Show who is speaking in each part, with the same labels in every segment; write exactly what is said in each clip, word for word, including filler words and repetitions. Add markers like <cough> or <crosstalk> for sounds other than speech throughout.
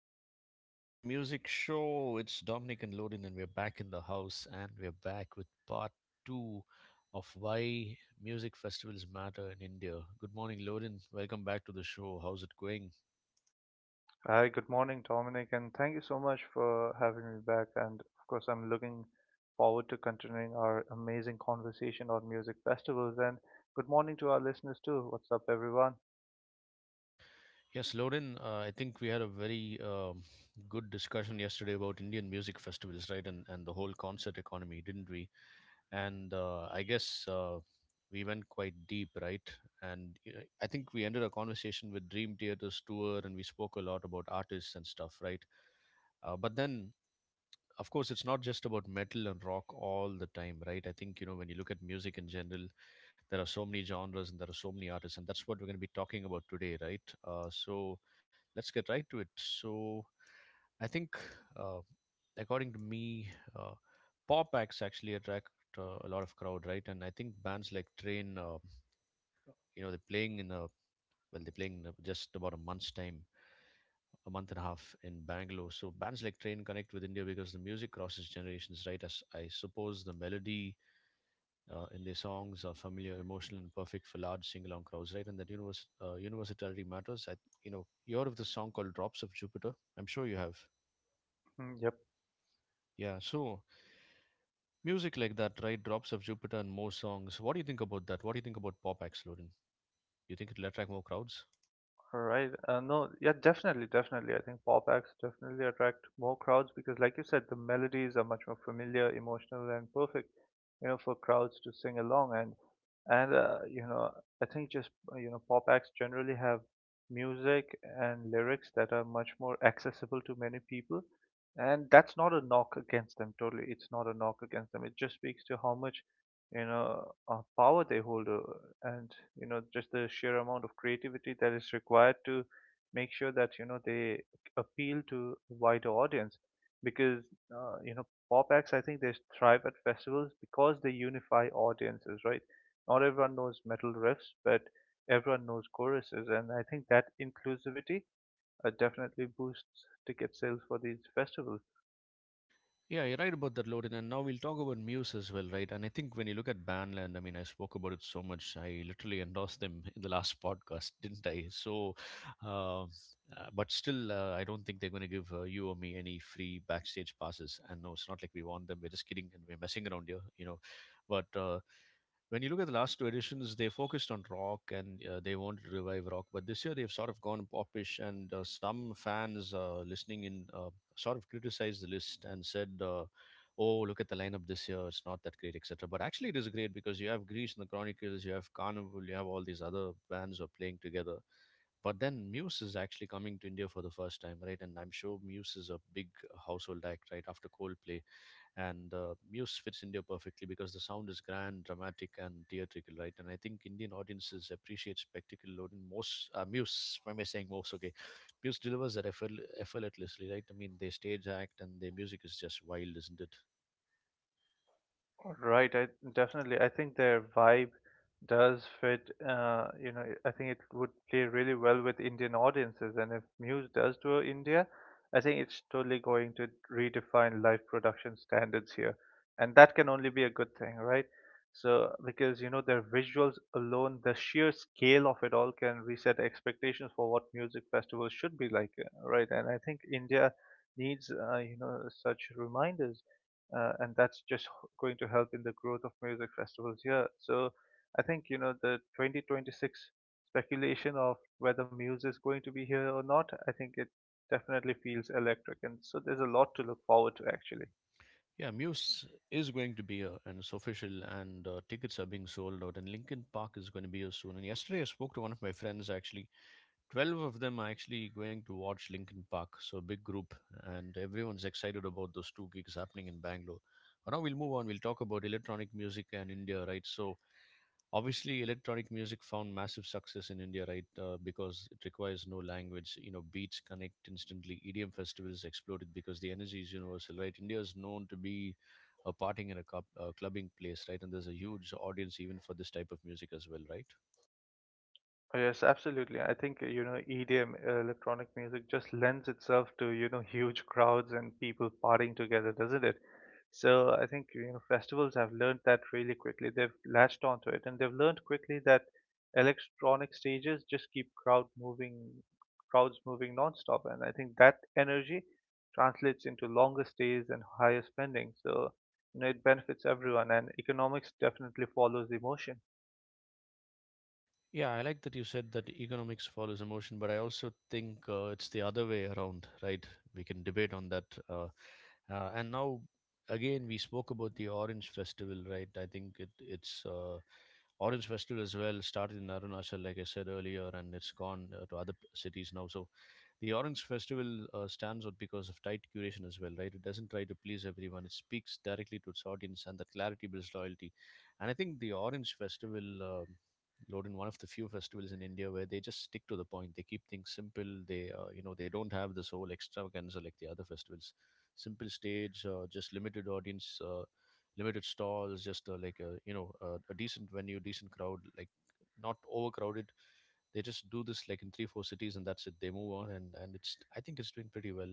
Speaker 1: and welcome to the music show. It's Dominic and Lodin, and we're back in the house and we're back with part two of why music festivals matter in India. Good morning, Lodin. Welcome back to the show. How's it going?
Speaker 2: Hi, good morning, Dominic, and thank you so much for having me back. And of course, I'm looking forward to continuing our amazing conversation on music festivals. And good morning to our listeners, too. What's up, everyone?
Speaker 1: Yes, Lodin, uh, I think we had a very um, good discussion yesterday about Indian music festivals, right? And, and the whole concert economy, didn't we? And uh, I guess uh, we went quite deep, right? And you know, I think we ended our conversation with Dream Theater's tour, and we spoke a lot about artists and stuff, right? Uh, but then, of course, it's not just about metal and rock all the time, right? I think you know when you look at music in general, there are so many genres and there are so many artists, and that's what we're going to be talking about today, right? Uh, so let's get right to it. So, I think, uh, according to me, uh, pop acts actually attract uh, a lot of crowd, right? And I think bands like Train, uh, you know, they're playing in a well, they're playing in a- just about a month's time, a month and a half in Bangalore. So bands like Train connect with India because the music crosses generations, right? As I suppose the melody uh, in their songs are familiar, emotional, and perfect for large sing-along crowds, right? And that univers uh, universality matters. I, you know, you heard of the song called "Drops of Jupiter"? I'm sure you have.
Speaker 2: <laughs> Yep.
Speaker 1: Yeah. So music like that, right? Drops of Jupiter and more songs. What do you think about that? What do you think about pop acts, Lorin? Do you think it'll attract more crowds?
Speaker 2: Right. Uh, no, yeah, definitely, definitely. I think pop acts definitely attract more crowds because, like you said, the melodies are much more familiar, emotional, and perfect, you know, for crowds to sing along. And and uh, you know, I think just uh, you know, pop acts generally have music and lyrics that are much more accessible to many people, and that's not a knock against them. Totally, it's not a knock against them. It just speaks to how much you know uh, power they hold, uh, and you know just the sheer amount of creativity that is required to make sure that you know they appeal to a wider audience because uh, you know pop acts, I think they thrive at festivals because they unify audiences, right? Not everyone knows metal riffs, but everyone knows choruses, and I think that inclusivity uh, definitely boosts ticket sales for these festivals.
Speaker 1: Yeah, you're right about that, Loden. And now we'll talk about Muse as well, right? And I think when you look at Bandland, I mean, I spoke about it so much. I literally endorsed them <laughs> in the last podcast, didn't I? So, um, uh, but still, uh, I don't think they're going to give uh, you or me any free backstage passes. And no, it's not like we want them. We're just kidding and we're messing around here, you know. But uh, when you look at the last two editions, they focused on rock and uh, they wanted to revive rock. But this year, they've sort of gone popish, and uh, some fans uh, listening in uh, sort of criticized the list and said, uh, "Oh, look at the lineup this year; it's not that great, et cetera" But actually, it is great because you have Grease and the Chronicles, you have Carnival, you have all these other bands who are playing together. But then Muse is actually coming to India for the first time, right? And I'm sure Muse is a big household act, right? After Coldplay, and uh, Muse fits India perfectly because the sound is grand, dramatic, and theatrical, right? And I think Indian audiences appreciate spectacle load in most uh, Muse. Why am I saying most? Okay, Muse delivers that effort, effortlessly, right? I mean, they stage act and their music is just wild, isn't it?
Speaker 2: Right, I definitely. I think their vibe does fit. Uh, you know, I think it would play really well with Indian audiences, and if Muse does tour India, I think it's totally going to redefine live production standards here, and that can only be a good thing, right? So, because you know, their visuals alone, the sheer scale of it all can reset expectations for what music festivals should be like, uh, right? And I think India needs, uh, you know, such reminders uh, and that's just going to help in the growth of music festivals here. So I think, you know, the twenty twenty-six speculation of whether Muse is going to be here or not, I think it definitely feels electric. And so there's a lot to look forward to, actually.
Speaker 1: Yeah, Muse is going to be here, and it's official, and uh, tickets are being sold out, and Linkin Park is going to be here soon. And yesterday, I spoke to one of my friends actually. twelve of them are actually going to watch Linkin Park, so a big group, and everyone's excited about those two gigs happening in Bangalore. But now we'll move on. We'll talk about electronic music and India, right? So obviously, electronic music found massive success in India, right? Uh, because it requires no language. You know, beats connect instantly. E D M festivals exploded because the energy is universal, right? India is known to be a partying and a, cup, a clubbing place, right? And there's a huge audience even for this type of music as well, right?
Speaker 2: Oh, yes, absolutely. I think, uh, you know, E D M, uh, electronic music, just lends itself to, you know, <laughs> huge crowds and people partying together, doesn't it? So I think, you know, festivals have learned that really quickly. They've latched onto it and they've learned quickly that electronic stages just keep crowd moving, crowds moving nonstop. And I think that energy translates into longer stays and higher spending. So, you know, it benefits everyone, and economics definitely follows emotion.
Speaker 1: Yeah, I like that you said that economics follows emotion, but I also think uh, it's the other way around, right? We can debate on that. Uh, uh, and now, again, we spoke about the Orange Festival, right? I think it, it's uh, Orange Festival as well started in Arunachal, like I said earlier, and it's gone uh, to other p- cities now. So the Orange Festival uh, stands out because of tight curation as well, right? It doesn't try to please everyone. It speaks directly to its audience, and that clarity builds loyalty. And I think the Orange Festival, um Loden, one of the few festivals in India where they just stick to the point. They keep things simple. They, uh, you know, they don't have this whole extravaganza like the other festivals. Simple stage, uh, just limited audience, uh, limited stalls, just uh, like a, you know, a, a decent venue, decent crowd, like not overcrowded. They just do this like in three, four cities, and that's it. They move on, and and it's I think it's doing pretty well.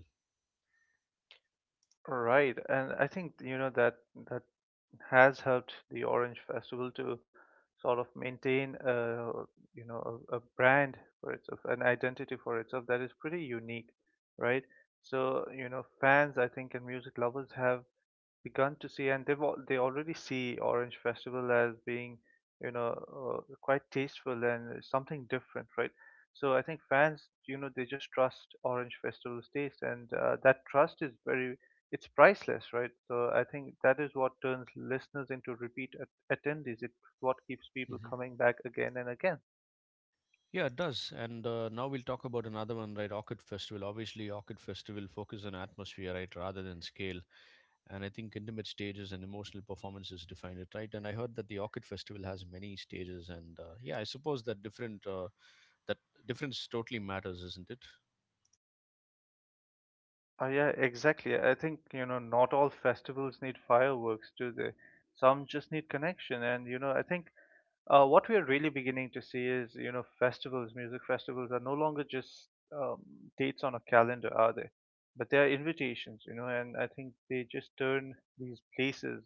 Speaker 2: Right, and I think you know that that has helped the Orange Festival to sort of maintain a you know a, a brand for itself, an identity for itself that is pretty unique, right? So you know fans, I think, and music lovers have begun to see, and they've al- they already see Orange Festival as being, you know, uh, quite tasteful and something different, right? So I think fans, you know, they just trust Orange Festival's taste, and uh, that trust is very, it's priceless, right? So I think that is what turns listeners into repeat at- attendees. It's what keeps people
Speaker 1: hmm
Speaker 2: coming back again and again.
Speaker 1: Yeah, it does. And uh, now we'll talk about another one, right? Orchid Festival. Obviously, Orchid Festival focus on atmosphere, right, rather than scale. And I think intimate stages and emotional performances define it, right? And I heard that the Orchid Festival has many stages, and uh, yeah, I suppose that different uh, that difference totally matters, isn't it?
Speaker 2: Oh, yeah, exactly. I think, you know, not all festivals need fireworks, do they? Some just need connection. And, you know, I think uh, what we are really beginning to see is, you know, festivals, music festivals are no longer just um, dates on a calendar, are they? But they are invitations, you know, and I think they just turn these places,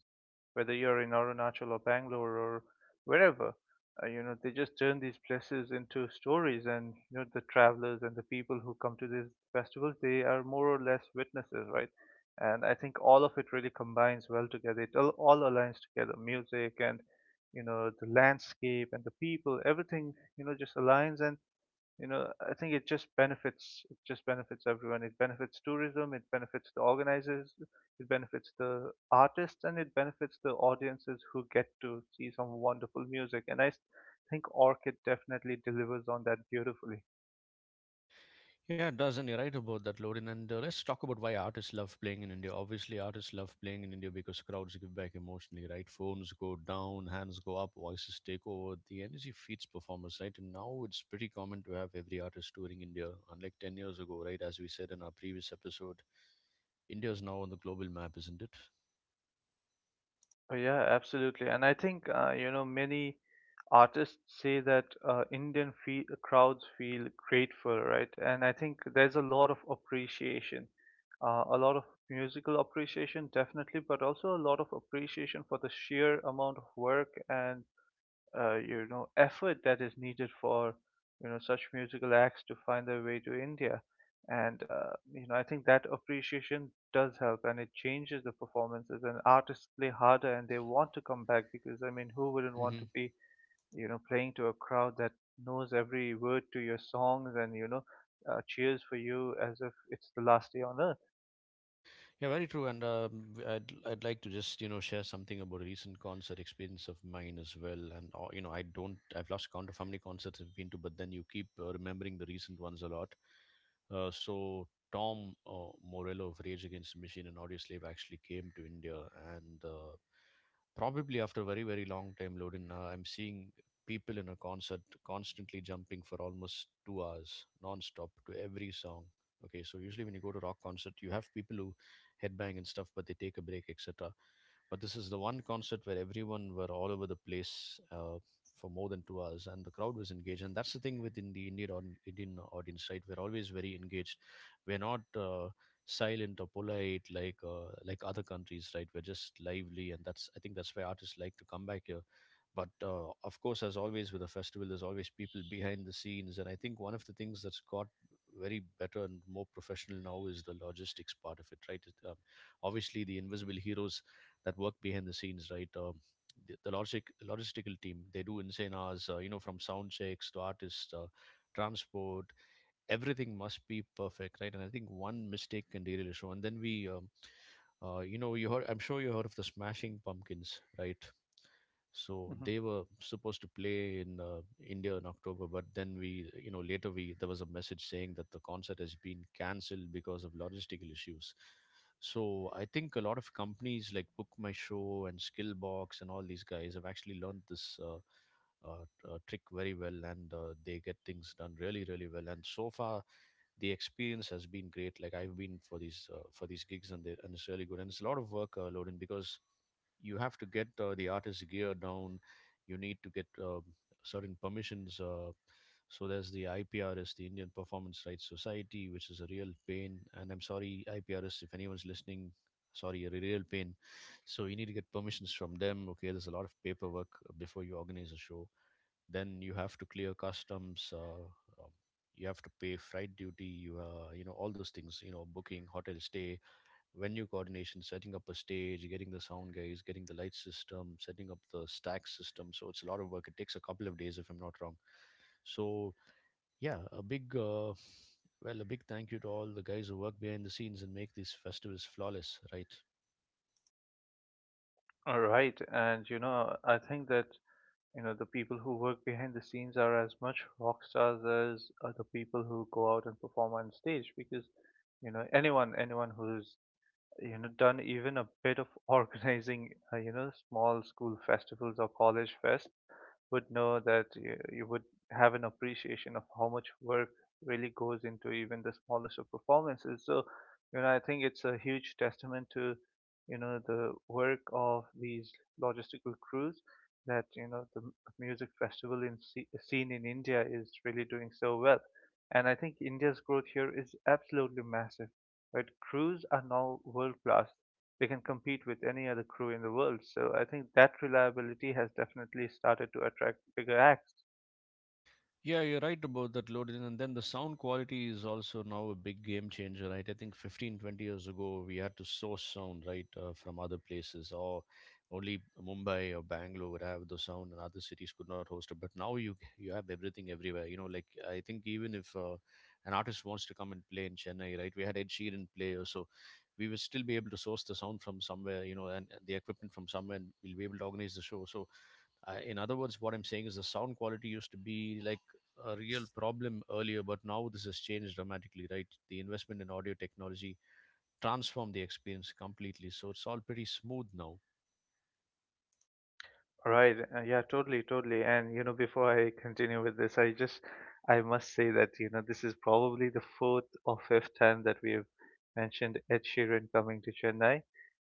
Speaker 2: whether you're in Arunachal or Bangalore or wherever, uh, you know, they just turn these places into stories. And, you know, the travelers and the people who come to these festivals, they are more or less witnesses, right? And I think all of it really combines well together. It all, all aligns together, music and you know the landscape and the people, everything you know just aligns. And you know I think it just benefits, it just benefits everyone. It benefits tourism, it benefits the organizers, it benefits the artists, and it benefits the audiences who get to see some wonderful music. And i s- think Orchid definitely delivers on that beautifully.
Speaker 1: Yeah, it does, and you're right about that, Lorin. And uh, let's talk about why artists love playing in India. Obviously, artists love playing in India because crowds give back emotionally, right? Phones go down, hands go up, voices take over. The energy feeds performers, right? And now it's pretty common to have every artist touring India, unlike ten years ago, right? As we said in our previous episode, India is now on the global map, isn't it?
Speaker 2: Oh, yeah, absolutely. And I think, uh, you know, many artists say that uh, Indian fe crowds feel grateful, right? And I think there's a lot of appreciation, uh, a lot of musical appreciation, definitely, but also a lot of appreciation for the sheer amount of work and uh, you know effort that is needed for you know such musical acts to find their way to India. And uh, you know I think that appreciation does help, and it changes the performances. And artists play harder, and they want to come back because I mean, who wouldn't want
Speaker 1: hmm
Speaker 2: to be you know playing to a crowd that knows every word to your songs and you know uh, cheers for you as if it's the last day on earth.
Speaker 1: Yeah, very true. And um, w- I'd I'd like to just you know share something about a recent concert experience of mine as well. And uh, you know I don't I've lost count of how many concerts I've been to, but then you keep uh, remembering the recent ones a lot. Uh, so Tom uh, Morello of Rage Against the Machine and Audio Slave actually came to India, and uh, probably after a very very long time, Lodin, uh, I'm seeing people in a concert constantly jumping for almost two hours non-stop to every song. Okay, so usually when you go to rock concert, you have people who headbang and stuff, but they take a break, et cetera. But this is the one concert where everyone were all over the place. Uh, for more than two hours, and the crowd was engaged. And that's the thing within the Indian aud- Indian audience, right? We're always very engaged. We're not uh, silent or polite like uh, like other countries, right? We're just lively, and that's I think that's why artists like to come back here. But uh, of course, as always with a festival, there's always people behind the scenes, and I think one of the things that's got very better and more professional now is the logistics part of it, right? It, um, obviously, the invisible heroes that work behind the scenes, right? Uh, the, the logistic logistical team. They do insane hours, uh, you know, from sound checks to artists, uh, transport. Everything must be perfect, right? And I think one mistake can derail the show. And then we, um, uh, you know, you heard. I'm sure you heard of the Smashing Pumpkins, right? So
Speaker 2: Mhm.
Speaker 1: they were supposed to play in uh, India in October, but then we you know later we there was a message saying that the concert has been cancelled because of logistical issues. So I think a lot of companies like Book My Show and Skillbox and all these guys have actually learned this uh, uh, t- uh, trick very well, and uh, they get things done really really well, and so far the experience has been great. Like I've been for these uh, for these gigs, and they and it's really good. And it's a lot of work, uh, Loden, because you have to get uh, the artist's gear down. You need to get uh, certain permissions. Uh, so there's the I P R S, the Indian Performance Rights Society, which is a real pain. And I'm sorry, I P R S, if anyone's listening, sorry, a real pain. So you need to get permissions from them. Okay, there's a lot of paperwork before you organize a show. Then you have to clear customs, uh, um, you have to pay freight duty, you uh, you know all those things, you know booking hotel stay, venue coordination, setting up a stage, getting the sound guys, getting the light system, setting up the stack system. So it's a lot of work, it takes a couple of days if I'm not wrong. So yeah, a big uh, well, a big thank you to all the guys who work behind the scenes and make these festivals flawless, right?
Speaker 2: All right, and you know, I think that you know the people who work behind the scenes are as much rock stars as uh, the people who go out and perform on stage, because you know anyone anyone who's you know done even a bit of <laughs> organizing uh, you know small school festivals or college fests would know that you, you would have an appreciation of how much work really goes into even the smallest of performances. So you know I think it's a huge testament to you know the work of these logistical crews, that you know the m- music festival in sce- scene in India is really doing so well. And I think India's growth here is absolutely massive, right? Crews are now world class. They can compete with any other crew in the world. So I think that reliability has definitely started to attract bigger acts.
Speaker 1: Yeah, you're right about that, loading. And then the sound quality is also now a big game changer, right? I think fifteen twenty years ago, we had to source sound, right, uh, from other places, or only Mumbai or Bangalore would have the sound, and other cities could not host it. But now you you have everything everywhere. You know, like I think even if uh, an artist wants to come and play in Chennai, right, we had Ed Sheeran play, or so we will still be able to source the sound from somewhere, you know, and and the equipment from somewhere, and we'll be able to organize the show. So, uh, in other words, what I'm saying is the sound quality used to be like a real problem earlier, but now this has changed dramatically, right? The investment in audio technology transformed the experience completely, so it's all pretty smooth now.
Speaker 2: Right. uh, Yeah, totally, totally. And you know, before I continue with this, I just I must say that, you know, this is probably the fourth or fifth time that we have mentioned Ed Sheeran coming to Chennai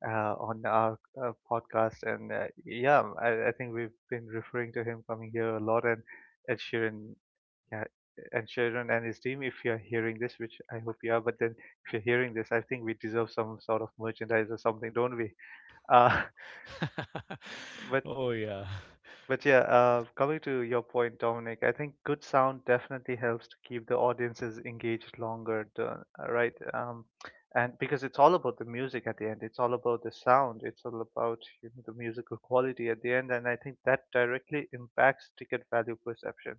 Speaker 2: uh, on our uh, podcast. And uh, yeah, I, I think we've been referring to him coming here a lot. And Ed Sheeran. Yeah, and Sharon and his team, if you're hearing this, which I hope you are, but then if you're hearing this, I think we deserve some sort of merchandise or something, don't we? Uh,
Speaker 1: <laughs>
Speaker 2: <laughs> but
Speaker 1: Oh yeah.
Speaker 2: but yeah, uh, coming to your point, Dominic, I think good sound definitely helps to keep the audiences engaged longer, the- uh, right? Um, and because it's all about the music at the end, it's all about the sound, it's all about you know, the musical quality at the end, and I think that directly impacts ticket value perception.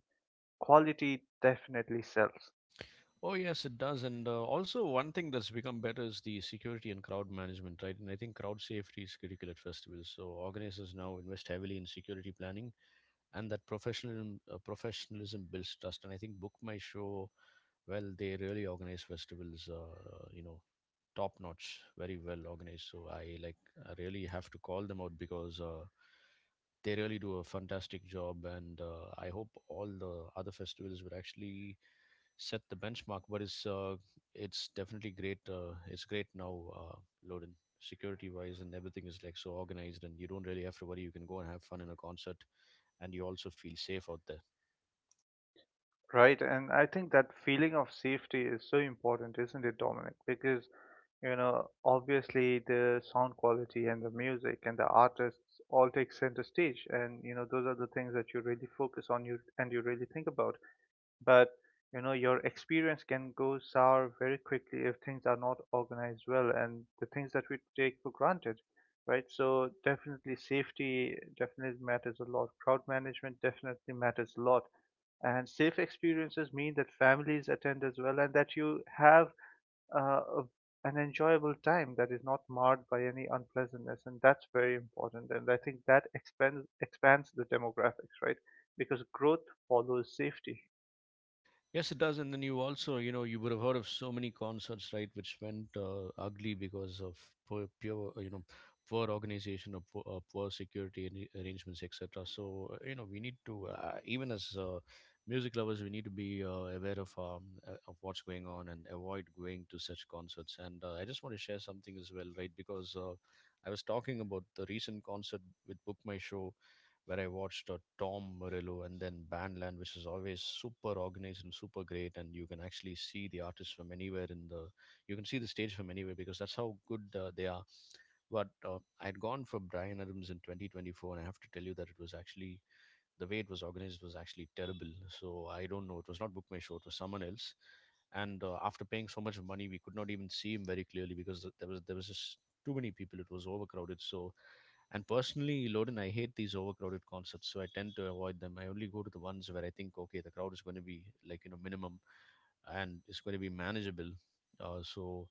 Speaker 2: Quality definitely sells.
Speaker 1: Oh yes, it does. And uh, also, one thing that's become better is the security and crowd management, right? And I think crowd safety is critical at festivals, so organizers now invest heavily in security planning, and that professionalism, uh, professionalism builds trust. And I think Book My Show, well, they really organize festivals, uh, you know, top notch, very well organized. So I like, I really have to call them out because uh, they really do a fantastic job. And uh, I hope all the other festivals would actually set the benchmark. But it's uh, it's definitely great, uh, it's great now, uh, loaded. Security wise and everything is like so organized, and you don't really have to worry, you can go and have fun in a concert, and you also feel safe out there.
Speaker 2: Right, and I think that feeling of safety is so important, isn't it, Dominic? Because, you know, obviously the sound quality and the music and the artists all take center stage, and you know, those are the things that you really focus on you and you really think about. But, you know, your experience can go sour very quickly if things are not organized well and the things that we take for granted, right? So definitely safety definitely matters a lot. Crowd management definitely matters a lot, and safe experiences mean that families attend as well, and that you have uh, a, an enjoyable time that is not marred by any unpleasantness. And that's very important, and I think that expands expands the demographics, right? Because growth follows safety.
Speaker 1: Yes, it does. And then you also, you know, you would have heard of so many concerts, right, which went uh, ugly because of poor, pure, you know, poor organization, or poor, uh, poor security arra- arrangements, et cetera. So, uh, you know, we need to, uh, even as uh, music lovers, we need to be uh, aware of um, uh, of what's going on and avoid going to such concerts. And uh, I just want to share something as well, right, because uh, I was talking about the recent concert with Book My Show, where I watched uh, Tom Morello and then Bandland, which is always super organized and super great, and you can actually see the artists from anywhere in the You can see the stage from anywhere because that's how good uh, they are. But uh, I had gone for Brian Adams in twenty twenty four, and I have to tell you that it was actually the way it was organized was actually terrible. So I don't know. It was not Book My Show, it was someone else. And uh, after paying so much money, we could not even see him very clearly because th- there was there was just too many people. It was overcrowded. So, and personally, Loden, I hate these overcrowded concerts. So I tend to avoid them. I only go to the ones where I think, okay, the crowd is going to be like, you know, minimum, and it's going to be manageable. Uh, so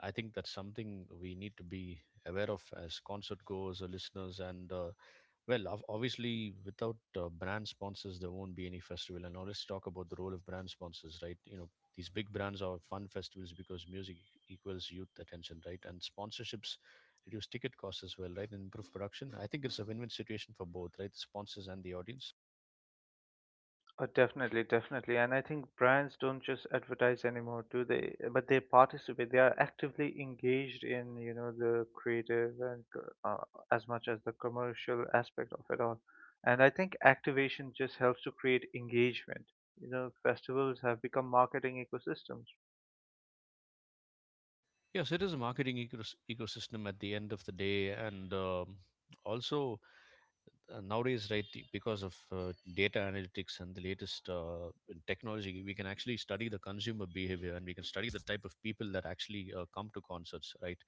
Speaker 1: I think that's something we need to be aware of as concert goers or listeners. And uh, well, ob- obviously, without uh, brand sponsors, there won't be any festival. And now let's talk about the role of brand sponsors, right? You know, these big brands are fun festivals because music e-, equals youth attention, right? And sponsorships reduce ticket costs as well, right? And improve production. I think it's a win-win situation for both, right? The sponsors and the audience.
Speaker 2: Oh, definitely, definitely. And I think brands don't just advertise anymore, do they? Eh, But they participate. They are actively engaged in, you know, the creative and co- uh, as much as the commercial aspect of it all. And I think activation just helps to create engagement. You know, festivals have become marketing ecosystems.
Speaker 1: Yes, it is a marketing ecos- ecosystem at the end of the day. And um, also, uh, nowadays, right, the- because of uh, data analytics and the latest uh, in technology, we can actually study the consumer behavior, and we can study the type of people that actually uh, come to concerts, right?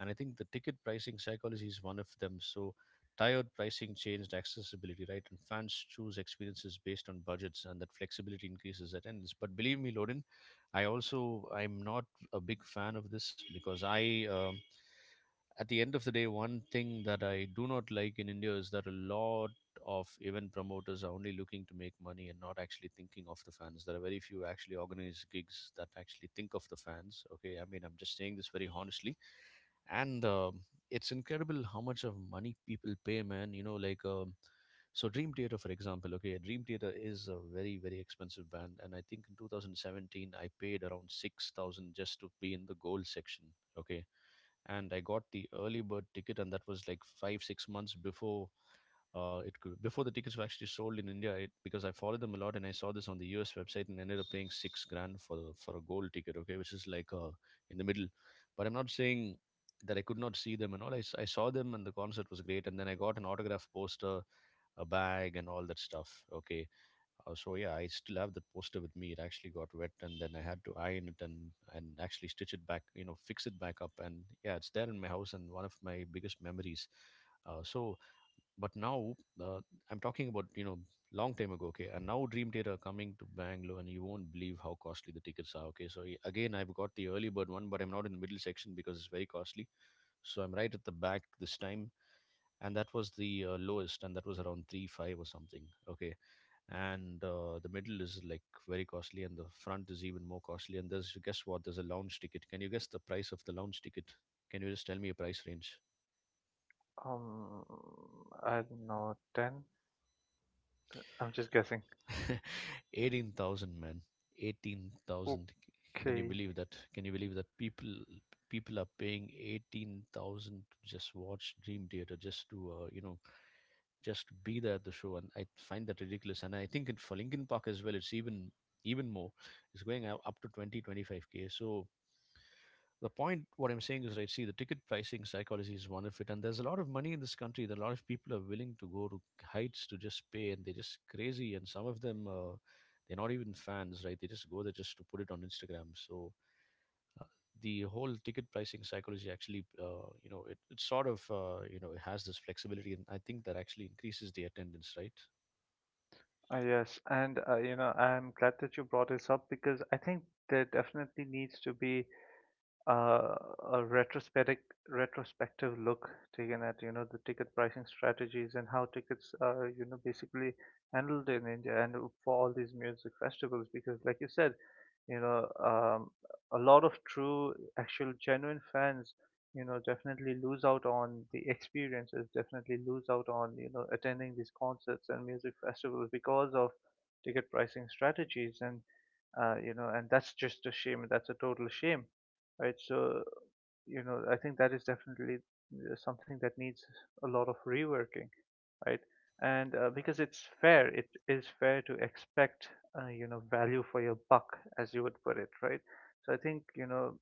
Speaker 1: And I think the ticket pricing psychology is one of them. So tiered pricing changed accessibility, right? And fans choose experiences based on budgets, and that flexibility increases attendance. But believe me, Loden, i also I'm not a big fan of this because I um, at the end of the day, one thing that I do not like in India is that a lot of event promoters are only looking to make money and not actually thinking of the fans. There are very few actually organized gigs that actually think of the fans. Okay, I mean, I'm just saying this very honestly. And um it's incredible how much of money people pay, man, you know, like, um, so Dream Theater, for example. Okay, Dream Theater is a very, very expensive band, and I think in two thousand seventeen I paid around six thousand just to be in the gold section, okay. And I got the early bird ticket, and that was like 5 6 months before, uh, it could, before the tickets were actually sold in India, it, because I followed them a lot and I saw this on the U S website, and ended up paying six grand for for a gold ticket, okay, which is like uh, in the middle. But I'm not saying that I could not see them and all. I, s- I saw them and the concert was great. And then I got an autograph poster, a bag, and all that stuff, okay. Uh, so yeah, I still have that poster with me. It actually got wet, and then I had to iron it and and actually stitch it back, you know, fix it back up. And yeah, it's there in my house and one of my biggest memories. Uh, so but now, uh, I'm talking about, you know, long time ago, okay. And now Dream Theater are coming to Bangalore, and you won't believe how costly the tickets are, okay. So y- again, I've got the early bird one, but I'm not in the middle section because it's very costly. So I'm right at the back this time, and that was the uh, lowest, and that was around 3 5 or something, okay. And uh, the middle is like very costly, and the front is even more costly. And there's, guess what, there's a lounge ticket. Can you guess the price of the lounge ticket? Can you just tell me a price range?
Speaker 2: Um, I don't know, ten? I'm just guessing.
Speaker 1: <laughs> Eighteen thousand, men, eighteen thousand. Can you
Speaker 2: Okay.
Speaker 1: believe that? Can you believe that people people are paying eighteen thousand to just watch Dream Theater, just to uh, you know, just to be there at the show? And I find that ridiculous. And I think it, for Linkin Park as well, it's even even more. It's going up up to twenty twenty five k. So the point what I'm saying is, right, see, the ticket pricing psychology is one of it, and there's a lot of money in this country. That a lot of people are willing to go to heights to just pay, and they're just crazy. And some of them, uh, they're not even fans, right? They just go there just to put it on Instagram. So the whole ticket pricing psychology actually, uh, you know, it, it sort of, uh, you know, it has this flexibility, and I think that actually increases the attendance, right?
Speaker 2: Uh, yes, and uh, you know, I'm glad that you brought this up because I think there definitely needs to be uh, a retrospective retrospective look taken at you know the ticket pricing strategies and how tickets are you know basically handled in India and for all these music festivals, because like you said you know um, a lot of true actual genuine fans, you know, definitely lose out on the experiences, definitely lose out on you know attending these concerts and music festivals because of ticket pricing strategies. And uh, you know, and that's just a shame, that's a total shame, right? So, you know, I think that is definitely uh, something that needs a lot of reworking, right? And uh, because it's fair, it is fair to expect, uh, you know, value for your buck, as you would put it, right? So I think, you know,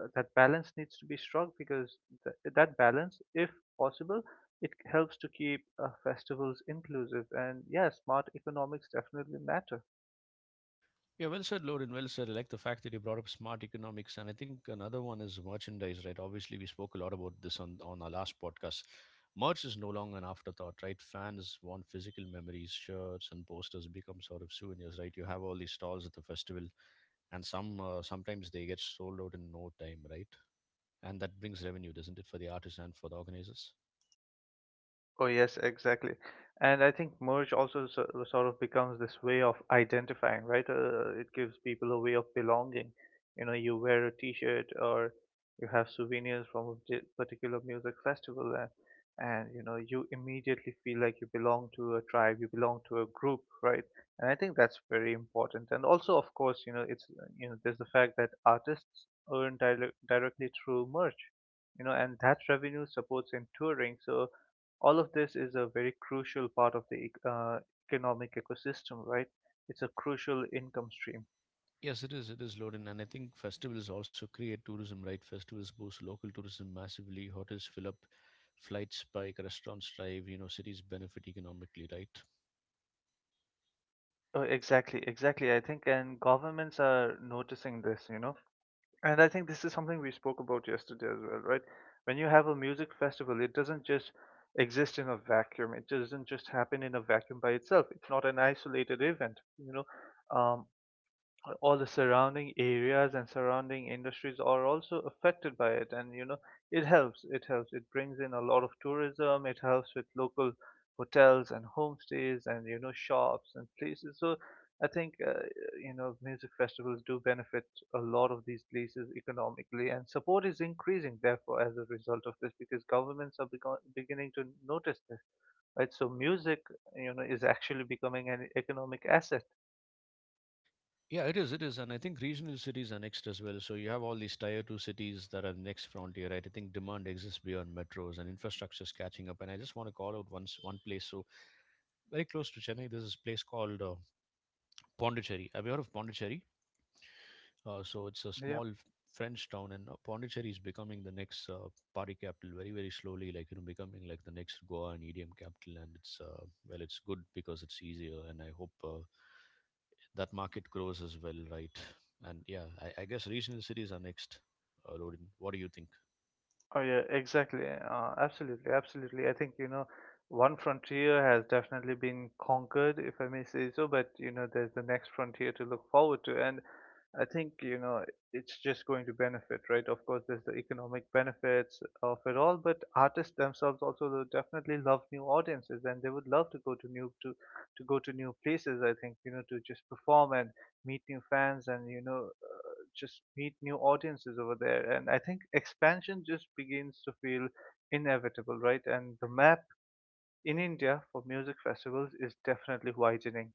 Speaker 2: uh, that balance needs to be struck, because th- that balance, if possible, it helps to keep uh, festivals inclusive. And yeah, smart economics definitely matter.
Speaker 1: Yeah, well said, Lorin. Well said. I like the fact that you brought up smart economics, and I think another one is merchandise, right? Obviously, we spoke a lot about this on on our last podcast. Merch is no longer an afterthought, right? Fans want physical memories, shirts and posters become sort of souvenirs, right? You have all these stalls at the festival, and some uh, sometimes they get sold out in no time, right? And that brings revenue, doesn't it, for the artists and for the organizers?
Speaker 2: Oh, yes, exactly. And I think merge also so, uh, sort of becomes this way of identifying, right? Uh, it gives people a way of belonging. You know, you wear a T-shirt or you have souvenirs from a di- particular music festival, and, and you know, you immediately feel like you belong to a tribe, you belong to a group, right? And I think that's very important. And also, of course, you know, it's uh, you know, there's the fact that artists earn dire directly through merch, you know, and that revenue supports in touring. So all of this is a very crucial part of the ec- uh, economic ecosystem, right? It's a crucial income stream.
Speaker 1: Yes, it is. It is, Lorin. And I think festivals also create tourism, right? Festivals boost local tourism massively. Hotels fill up, flights spike, restaurants thrive, you know, cities benefit economically, right?
Speaker 2: Oh, exactly, exactly. I think, and governments are noticing this, you know. And I think this is something we spoke about yesterday as well, right? When you have a music festival, it doesn't just exist in a vacuum. It doesn't just happen in a vacuum by itself. It's not an isolated event, you know. Um, all the surrounding areas and surrounding industries are also affected by it, and you know, it helps it helps it brings in a lot of tourism, it helps with local hotels and homestays and you know shops and places. So I think, uh, you know, music festivals do benefit a lot of these places economically, and support is increasing therefore as a result of this, because governments are begon beginning to notice this, right? So music, you know, is actually becoming an economic asset.
Speaker 1: Yeah, it is. It is. And I think regional cities are next as well. So you have all these tier two cities that are next frontier, right? I think demand exists beyond metros and infrastructure is catching up. And I just want to call out once one place. So very close to Chennai, there's this place called uh, Pondicherry. Have you heard of Pondicherry? Uh, so it's a
Speaker 2: Yeah.
Speaker 1: small French town, and uh, Pondicherry is becoming the next uh, party capital, very, very slowly. Like you know, becoming like the next Goa and E D M capital. And it's uh, well, it's good because it's easier, and I hope uh, that market grows as well, right? And yeah, I, I guess regional cities are next. Uh, Rodin, what do you think?
Speaker 2: Oh yeah, exactly. Uh, absolutely, absolutely. I think, you know, one frontier has definitely been conquered, if I may say so. But you know, there's the next frontier to look forward to, and I think you know it's just going to benefit, right? Of course, there's the economic benefits of it all, but artists themselves also will definitely love new audiences, and they would love to go to new to to go to new places. I think you know, to just perform and meet new fans, and you know, just meet new audiences over there. And I think expansion just begins to feel inevitable, right? And the map in India for music festivals is definitely widening.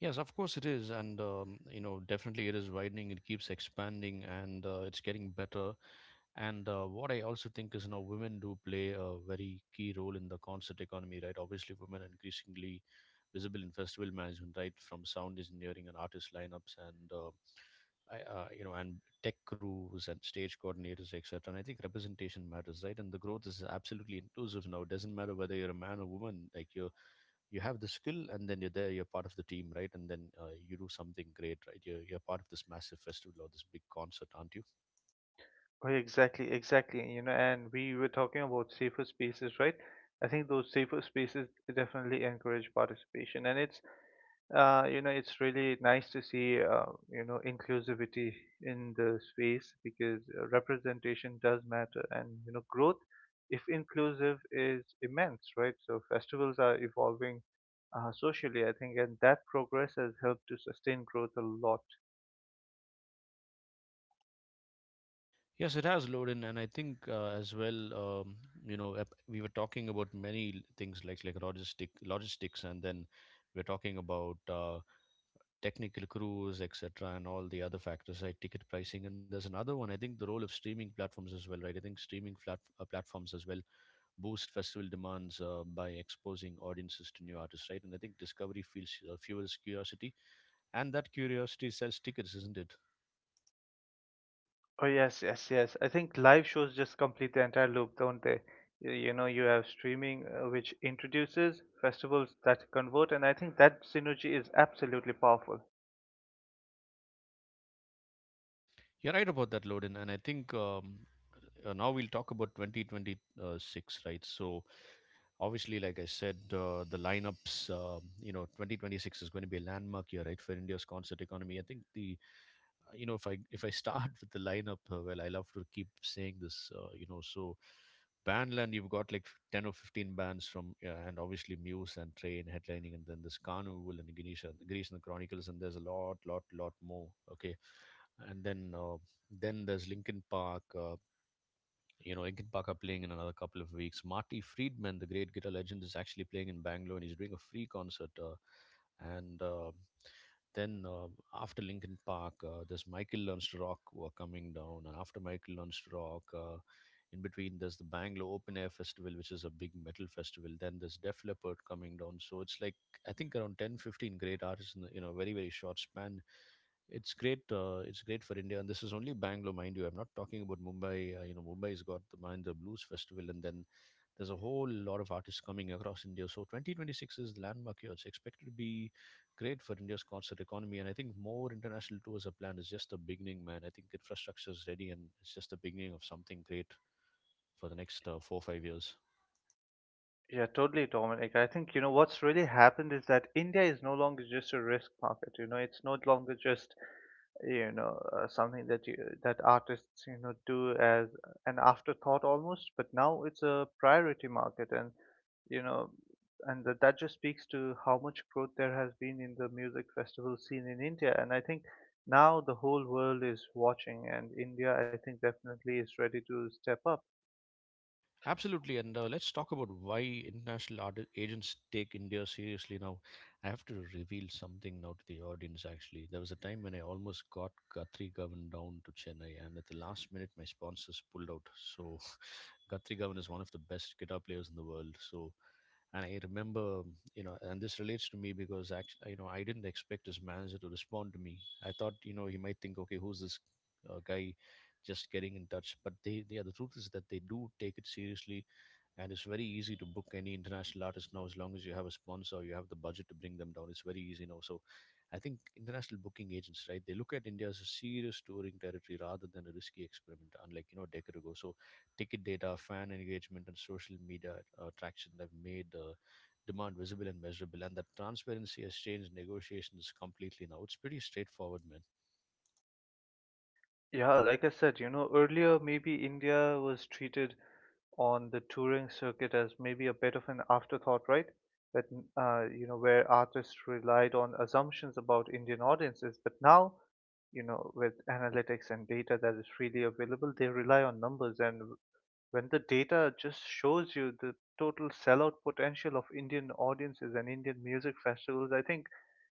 Speaker 1: Yes, of course it is, and um, you know, definitely it is widening. It keeps expanding, and uh, it's getting better. And uh, what I also think is, you know, women do play a very key role in the concert economy, right? Obviously, women are increasingly visible in festival management, right, from sound engineering and artist lineups, and uh, I, uh, you know, and tech crews and stage coordinators, et cetera. And I think representation matters, right? And the growth is absolutely inclusive now. It doesn't matter whether you're a man or woman, like you you have the skill, and then you're there, you're part of the team, right? And then uh, you do something great, right? You're, you're part of this massive festival or this big concert, aren't you?
Speaker 2: Oh, exactly, exactly. You know, and we were talking about safer spaces, right? I think those safer spaces definitely encourage participation, and it's, uh, you know, it's really nice to see uh, you know, inclusivity in the space, because uh, representation does matter, and you know, growth, if inclusive, is immense, right? So festivals are evolving uh, socially, I think, and that progress has helped to sustain growth a lot.
Speaker 1: Yes, it has, Loden, and I think uh, as well, um, you know, ep- we were talking about many l- things like like logistic logistics, and then we're talking about uh, technical crews, et cetera, and all the other factors, right? Ticket pricing, and there's another one. I think the role of streaming platforms as well, right? I think streaming flat, uh, platforms as well boost festival demands uh, by exposing audiences to new artists, right? And I think discovery feels, uh, fuels curiosity, and that curiosity sells tickets, isn't it?
Speaker 2: Oh yes, yes, yes. I think live shows just complete the entire loop, don't they? Y- You know, you have streaming, uh, which introduces festivals that convert, and I think that synergy is absolutely powerful.
Speaker 1: You're right about that, Loden. And I think um, uh, now we'll talk about twenty twenty-six, right? So, obviously, like I said, uh, the lineups, um, you know, twenty twenty-six is going to be a landmark year, right, for India's concert economy. I think the uh, you know, if i if i start <laughs> with the lineup, uh, well, I love to keep saying this. Uh, you know, so Bandland, you've got like ten or fifteen bands from uh, and obviously Muse and Train headlining, and then this Carnival and Ganesha Greece and the Chronicles, and there's a lot lot lot more. Okay. And then uh, then there's Linkin Park. Uh, you know, Iggy Paka playing in another couple of weeks. Marty Friedman, the great guitar legend, is actually playing in Bangalore, and he's doing a free concert. Uh, and uh, then uh, After Linkin Park, uh, there's Michael Learns to Rock who are coming down. And after Michael Learns to Rock, uh, in between, there's the Bangalore Open Air Festival, which is a big metal festival. Then there's Def Leppard coming down. So it's like, I think around ten, fifteen great artists in, the, you know, very, very short span. It's great. Uh, it's great for India, and this is only Bangalore, mind you. I'm not talking about Mumbai. Uh, you know, Mumbai's got the Mahindra Blues Festival, and then there's a whole lot of artists coming across India. So twenty twenty-six is the landmark year. It's expected to be great for India's concert economy, and I think more international tours are planned. It's just the beginning, man. I think infrastructure is ready, and it's just the beginning of something great for the next uh, four five years.
Speaker 2: Yeah, totally, Dominic. I think, you know, what's really happened is that India is no longer just a risk market. You know, it's no longer just, you know, uh, something that you, that artists, you know, do as an afterthought almost, but now it's a priority market. And you know, and that, that just speaks to how much growth there has been in the music festival scene in India. And I think now the whole world is watching, and India, I think, definitely is ready to step up.
Speaker 1: Absolutely, and uh, let's talk about why international art agents take India seriously now. I have to reveal something now to the audience. Actually, there was a time when I almost got Guthrie Govan down to Chennai, and at the last minute, my sponsors pulled out. So, <laughs> Guthrie Govan is one of the best guitar players in the world. So, and I remember, you know, and this relates to me because actually, you know, I didn't expect his manager to respond to me. I thought, you know, he might think, okay, who's this uh, guy just getting in touch? But they, they yeah, the truth is that they do take it seriously, and it's very easy to book any international artist now as long as you have a sponsor, you have the budget to bring them down. It's very easy now. So I think international booking agents, right, they look at India as a serious touring territory rather than a risky experiment, unlike, you know, a decade ago. So ticket data, fan engagement, and social media uh, traction have made uh, demand visible and measurable. And that transparency has changed negotiations completely now. It's pretty straightforward, man.
Speaker 2: Yeah, like I said, you know, earlier maybe India was treated on the touring circuit as maybe a bit of an afterthought, right? That, uh, you know, where artists relied on assumptions about Indian audiences, but now, you know, with analytics and data that is freely available, they rely on numbers. And when the data just shows you the total sellout potential of Indian audiences and Indian music festivals, I think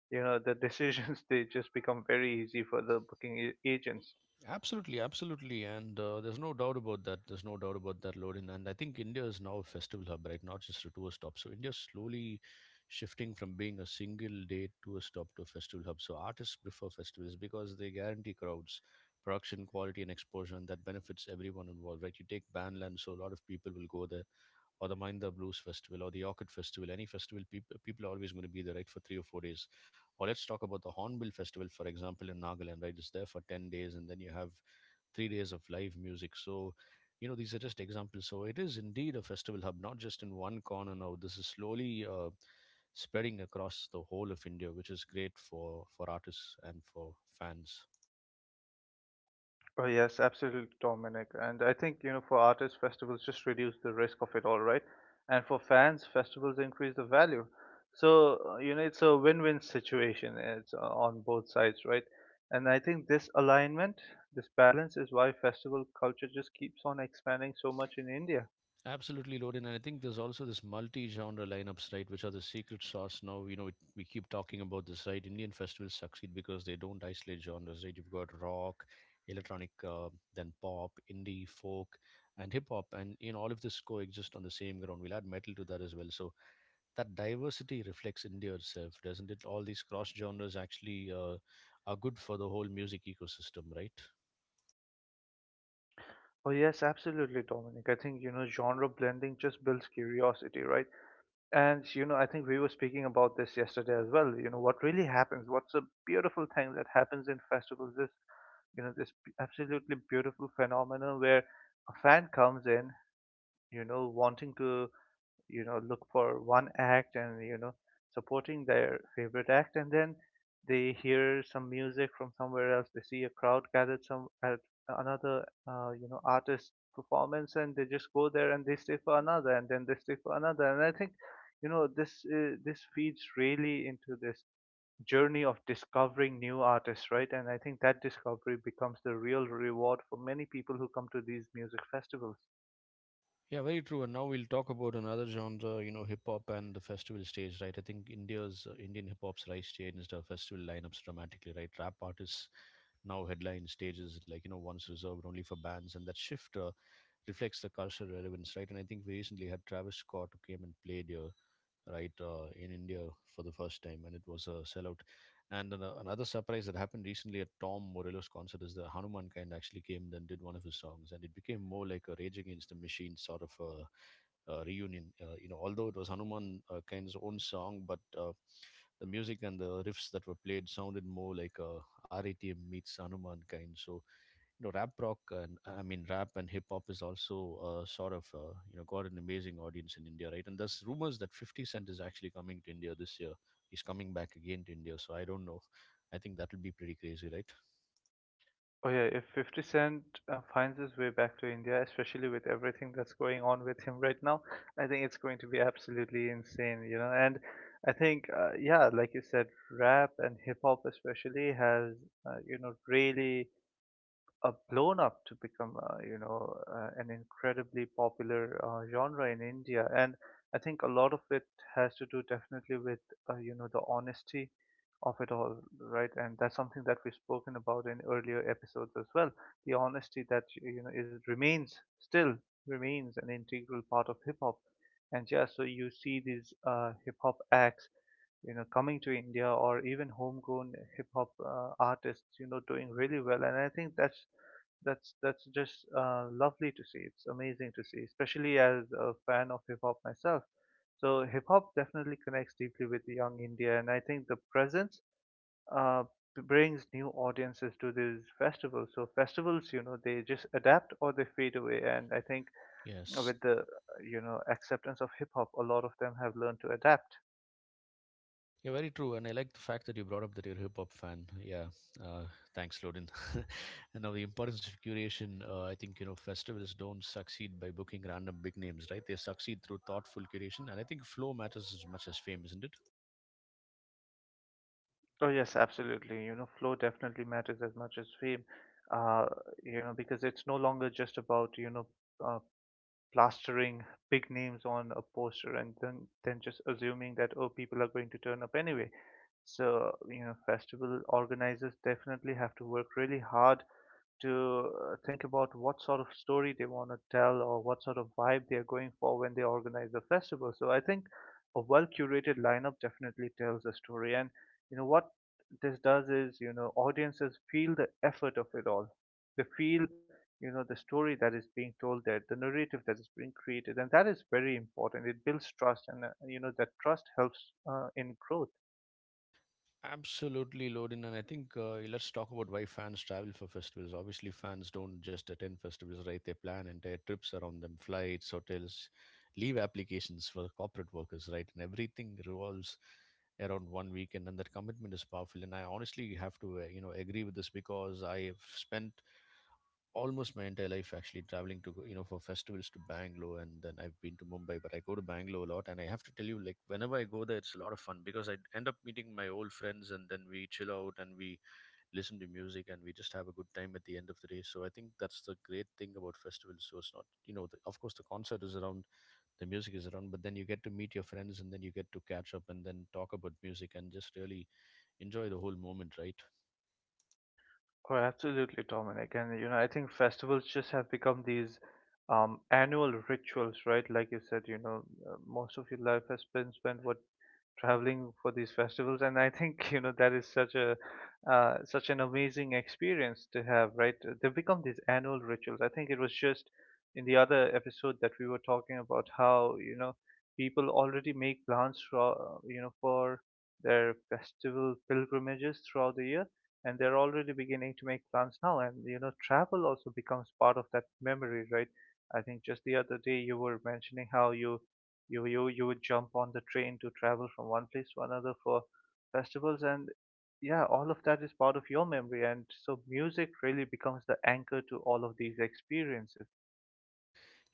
Speaker 2: you know the decisions <laughs> they just become very easy for the booking a- agents.
Speaker 1: Absolutely, absolutely, and uh, there's no doubt about that. There's no doubt about that, Lorin. And I think India is now a festival hub, right? Not just a tourist stop. So India's slowly shifting from being a single day tourist stop to a festival hub. So artists prefer festivals because they guarantee crowds, production quality, and exposure, and that benefits everyone involved, right? You take Bandland, so a lot of people will go there, or the Mahinda Blues Festival, or the Orchid Festival. Any festival, people people are always going to be there, right, for three or four days, or let's talk about the Hornbill Festival, for example, in Nagaland, right? It's there for ten days, and then you have three days of live music. So, you know, these are just examples. So it is indeed a festival hub, not just in one corner now. This is slowly uh, spreading across the whole of India, which is great for for artists and for fans.
Speaker 2: Oh yes, absolutely, Dominic. And I think you know for artists, festivals just reduce the risk of it all, right? And for fans, festivals increase the value. So uh, you know, it's a win-win situation. It's uh, on both sides, right? And I think this alignment, this balance, is why festival culture just keeps on expanding so much in India.
Speaker 1: Absolutely, Loden. And I think there's also this multi-genre lineups, right, which are the secret sauce. Now, you know, it, we keep talking about this, right? Indian festivals succeed because they don't isolate genres, right? You've got rock, electronic, uh, then pop, indie, folk, and hip hop, and in all of this coexist on the same ground. We'll add metal to that as well. So that diversity reflects India itself, doesn't it? All these cross genres actually uh, are good for the whole music ecosystem, right?
Speaker 2: Oh, yes, absolutely, Dominic. I think, you know, genre blending just builds curiosity, right? And, you know, I think we were speaking about this yesterday as well. You know, what really happens, what's a beautiful thing that happens in festivals is, you know, this b- absolutely beautiful phenomenon where a fan comes in, you know, wanting to, you know, look for one act, and you know, supporting their favorite act, and then they hear some music from somewhere else, they see a crowd gathered some at another uh, you know, artist performance, and they just go there, and they stay for another, and then they stay for another. And I think, you know, this uh, this feeds really into this journey of discovering new artists, right? And I think that discovery becomes the real reward for many people who come to these music festivals.
Speaker 1: Yeah, very true. And now we'll talk about another genre, you know, hip hop and the festival stage, right? I think India's uh, Indian hip hop's rise changed the festival lineups dramatically, right? Rap artists now headline stages like, you know, once reserved only for bands, and that shift uh, reflects the cultural relevance, right? And I think we recently had Travis Scott who came and played here, right, uh, in India for the first time, and it was a sellout. And an- another surprise that happened recently at Tom Morello's concert is that Hanuman Kind actually came and did one of his songs, and it became more like a Rage Against the Machine sort of a, uh, reunion. Uh, you know, although it was Hanuman uh, Kind's own song, but uh, the music and the riffs that were played sounded more like uh, R A T M meets Hanuman Kind. So you know, rap rock and I mean rap and hip hop is also uh, sort of uh, you know, got an amazing audience in India, right? And there's rumors that fifty cent is actually coming to India this year. He's coming back again to India, so I don't know, I think that'll be pretty crazy, right?
Speaker 2: Oh yeah, if fifty Cent uh, finds his way back to India, especially with everything that's going on with him right now, I think it's going to be absolutely insane, you know. And I think, uh, yeah, like you said, rap and hip hop especially has, uh, you know, really uh, blown up to become, uh, you know, uh, an incredibly popular uh, genre in India. And I think a lot of it has to do definitely with, uh, you know, the honesty of it all, right? And that's something that we've spoken about in earlier episodes as well. The honesty that, you know, is remains still remains an integral part of hip hop. And yeah, so you see these uh, hip hop acts, you know, coming to India, or even homegrown hip hop uh, artists, you know, doing really well, and I think that's that's that's just uh, lovely to see. It's amazing to see, especially as a fan of hip hop myself. So hip hop definitely connects deeply with young India, and I think the presence, uh, b- brings new audiences to these festivals. So festivals, you know, they just adapt or they fade away, and I think
Speaker 1: Yes.
Speaker 2: with the, uh, you know, acceptance of hip hop, a lot of them have learned to adapt.
Speaker 1: Yeah, very true. And I like the fact that you brought up that you're a hip hop fan. Yeah. Uh, Thanks, Loden. <laughs> And now the importance of curation. Uh, I think, you know, festivals don't succeed by booking random big names, right? They succeed through thoughtful curation. And I think flow matters as much as fame, isn't it?
Speaker 2: Oh yes, absolutely. You know, flow definitely matters as much as fame. Uh, you know, because it's no longer just about, you know, uh, plastering big names on a poster and then then just assuming that, oh, people are going to turn up anyway. So you know, festival organizers definitely have to work really hard to uh, think about what sort of story they want to tell, or what sort of vibe they are going for when they organize the festival. So I think a well curated lineup definitely tells a story. And you know what this does is, you know, audiences feel the effort of it all. They feel, you know, the story that is being told there, the narrative that is being created, and that is very important. It builds trust, and uh, you know, that trust helps uh, in growth.
Speaker 1: Absolutely, Lodin. And I think uh, let's talk about why fans travel for festivals. Obviously, fans don't just attend festivals, right? They plan entire trips around them, flights, hotels, leave applications for the corporate workers, right? And everything revolves around one weekend, and that commitment is powerful. And I honestly have to, uh, you know, agree with this because I have spent almost my entire life actually traveling to go- you know, for festivals to Bangalore. And then I've been to Mumbai, but I go to Bangalore a lot, and I have to tell you, like, whenever I go there, it's a lot of fun because I end up meeting my old friends, and then we chill out and we listen to music, and we just have a good time at the end of the day. So I think that's the great thing about festivals. So it's not, you know, the, of course the concert is around, the music is around, but then you get to meet your friends, and then you get to catch up and then talk about music and just really enjoy the whole moment, right?
Speaker 2: Oh, absolutely, Dominic. And you know, I think festivals just have become these, um, annual rituals, right? Like you said, you know, uh, most of your life has been spent, what, traveling for these festivals, and I think <laughs> you know, that is such a, uh, such an amazing experience to have, right? Uh, They become these annual rituals. I think it was just in the other episode that we were talking about how, you know, people already make plans for, uh, you know, for their festival pilgrimages throughout the year, and they're already beginning to make plans now. And you know, travel also becomes part of that memory, right? I think just the other day you were mentioning how you you you you would jump on the train to travel from one place to another for festivals, and yeah, all of that is part of your memory, and so music really becomes the anchor to all of these experiences.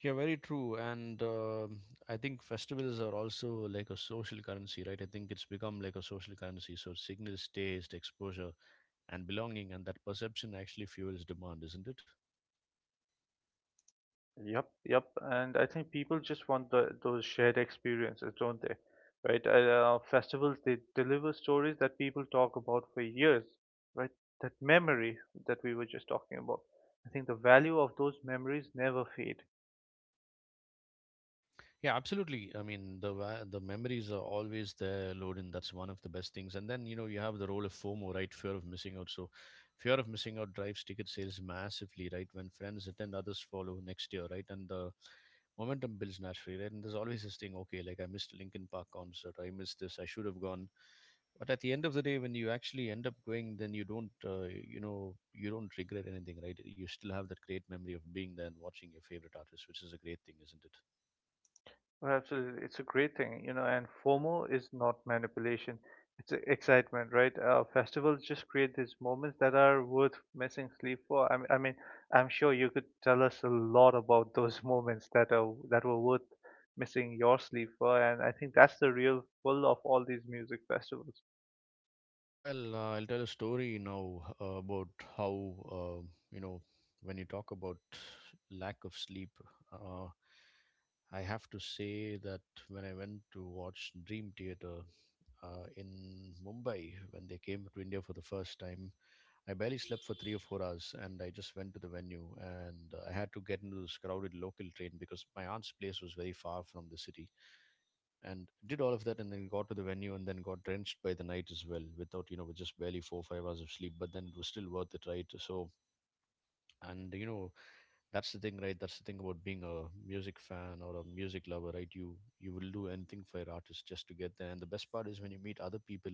Speaker 1: Yeah, very true. And um, I think festivals are also like a social currency, right? I think it's become like a social currency. So it signals taste, exposure, and belonging, and that perception actually fuels demand, isn't it?
Speaker 2: Yep, yep, and I think people just want the, those shared experiences, don't they? Right? Uh, uh, festivals, they deliver stories that people talk about for years, right? That memory that we were just talking about. I think the value of those memories never fade.
Speaker 1: Yeah, absolutely. I mean, the wa- the memories are always there, Loden. That's one of the best things. And then you know, you have the role of FOMO, right? Fear of missing out. So, fear of missing out drives ticket sales massively, right? When friends attend, others follow next year, right? And the momentum builds naturally, right? And there's always this thing, okay, like I missed a Linkin Park concert, I missed this, I should have gone. But at the end of the day, when you actually end up going, then you don't, uh, you know, you don't regret anything, right? You still have that great memory of being there and watching your favorite artist, which is a great thing, isn't it?
Speaker 2: Well, absolutely. It's a great thing, you know, and FOMO is not manipulation. It's e- excitement, right? Uh, festivals just create these moments that are worth missing sleep for. I mean, I mean, I'm sure you could tell us a lot about those <laughs> moments that are that were worth missing your sleep for, and I think that's the real pull of all these music festivals.
Speaker 1: Well, uh, I'll tell a story now uh, about how, uh, you know, when you talk about lack of sleep, uh, I have to say that when I went to watch Dream Theater uh, in Mumbai, when they came to India for the first time, I barely slept for three or four hours, and I just went to the venue. And uh, I had to get into this crowded local train because my aunt's place was very far from the city, and did all of that, and then got to the venue, and then got drenched by the night as well, without you know, with just barely four five hours of sleep. But then it was still worth it, right? So, and you know, that's the thing, right? That's the thing about being a music fan or a music lover, right? You you will do anything for your artist just to get there. And the best part is when you meet other people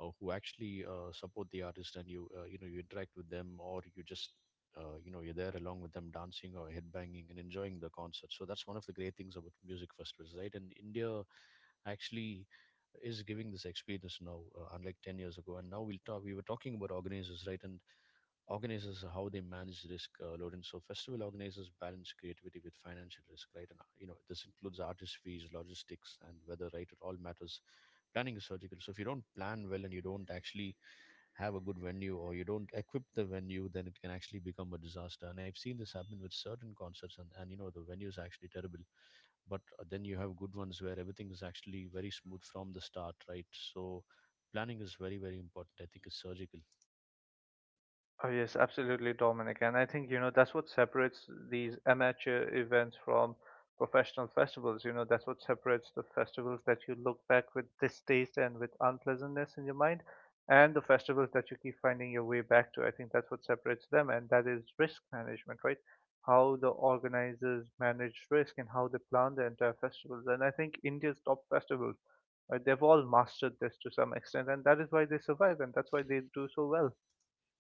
Speaker 1: uh, who actually uh, support the artist, and you uh, you know you interact with them, or you just uh, you know you're there along with them dancing or headbanging and enjoying the concert. So that's one of the great things about music festivals, right? And India actually is giving this experience now, uh, unlike ten years ago. And now we'll talk we were talking about organizers, right? And organizers, how they manage risk, uh, load in. So festival organizers balance creativity with financial risk, right? And uh, you know, this includes artist fees, logistics, and weather, right? It all matters. Planning is surgical. So if you don't plan well, and you don't actually have a good venue, or you don't equip the venue, then it can actually become a disaster. And I've seen this happen with certain concerts, and, and you know, the venue is actually terrible. But uh, then you have good ones where everything is actually very smooth from the start, right? So planning is very, very important. I think it's surgical.
Speaker 2: Oh, yes, absolutely, Dominic. And I think, you know, that's what separates these amateur events from professional festivals. You know, that's what separates the festivals that you look back with distaste and with unpleasantness in your mind, and the festivals that you keep finding your way back to. I think that's what separates them, and that is risk management, right? How the organizers manage risk and how they plan the entire festivals. And I think India's top festivals, right, they've all mastered this to some extent, and that is why they survive, and that's why they do so well.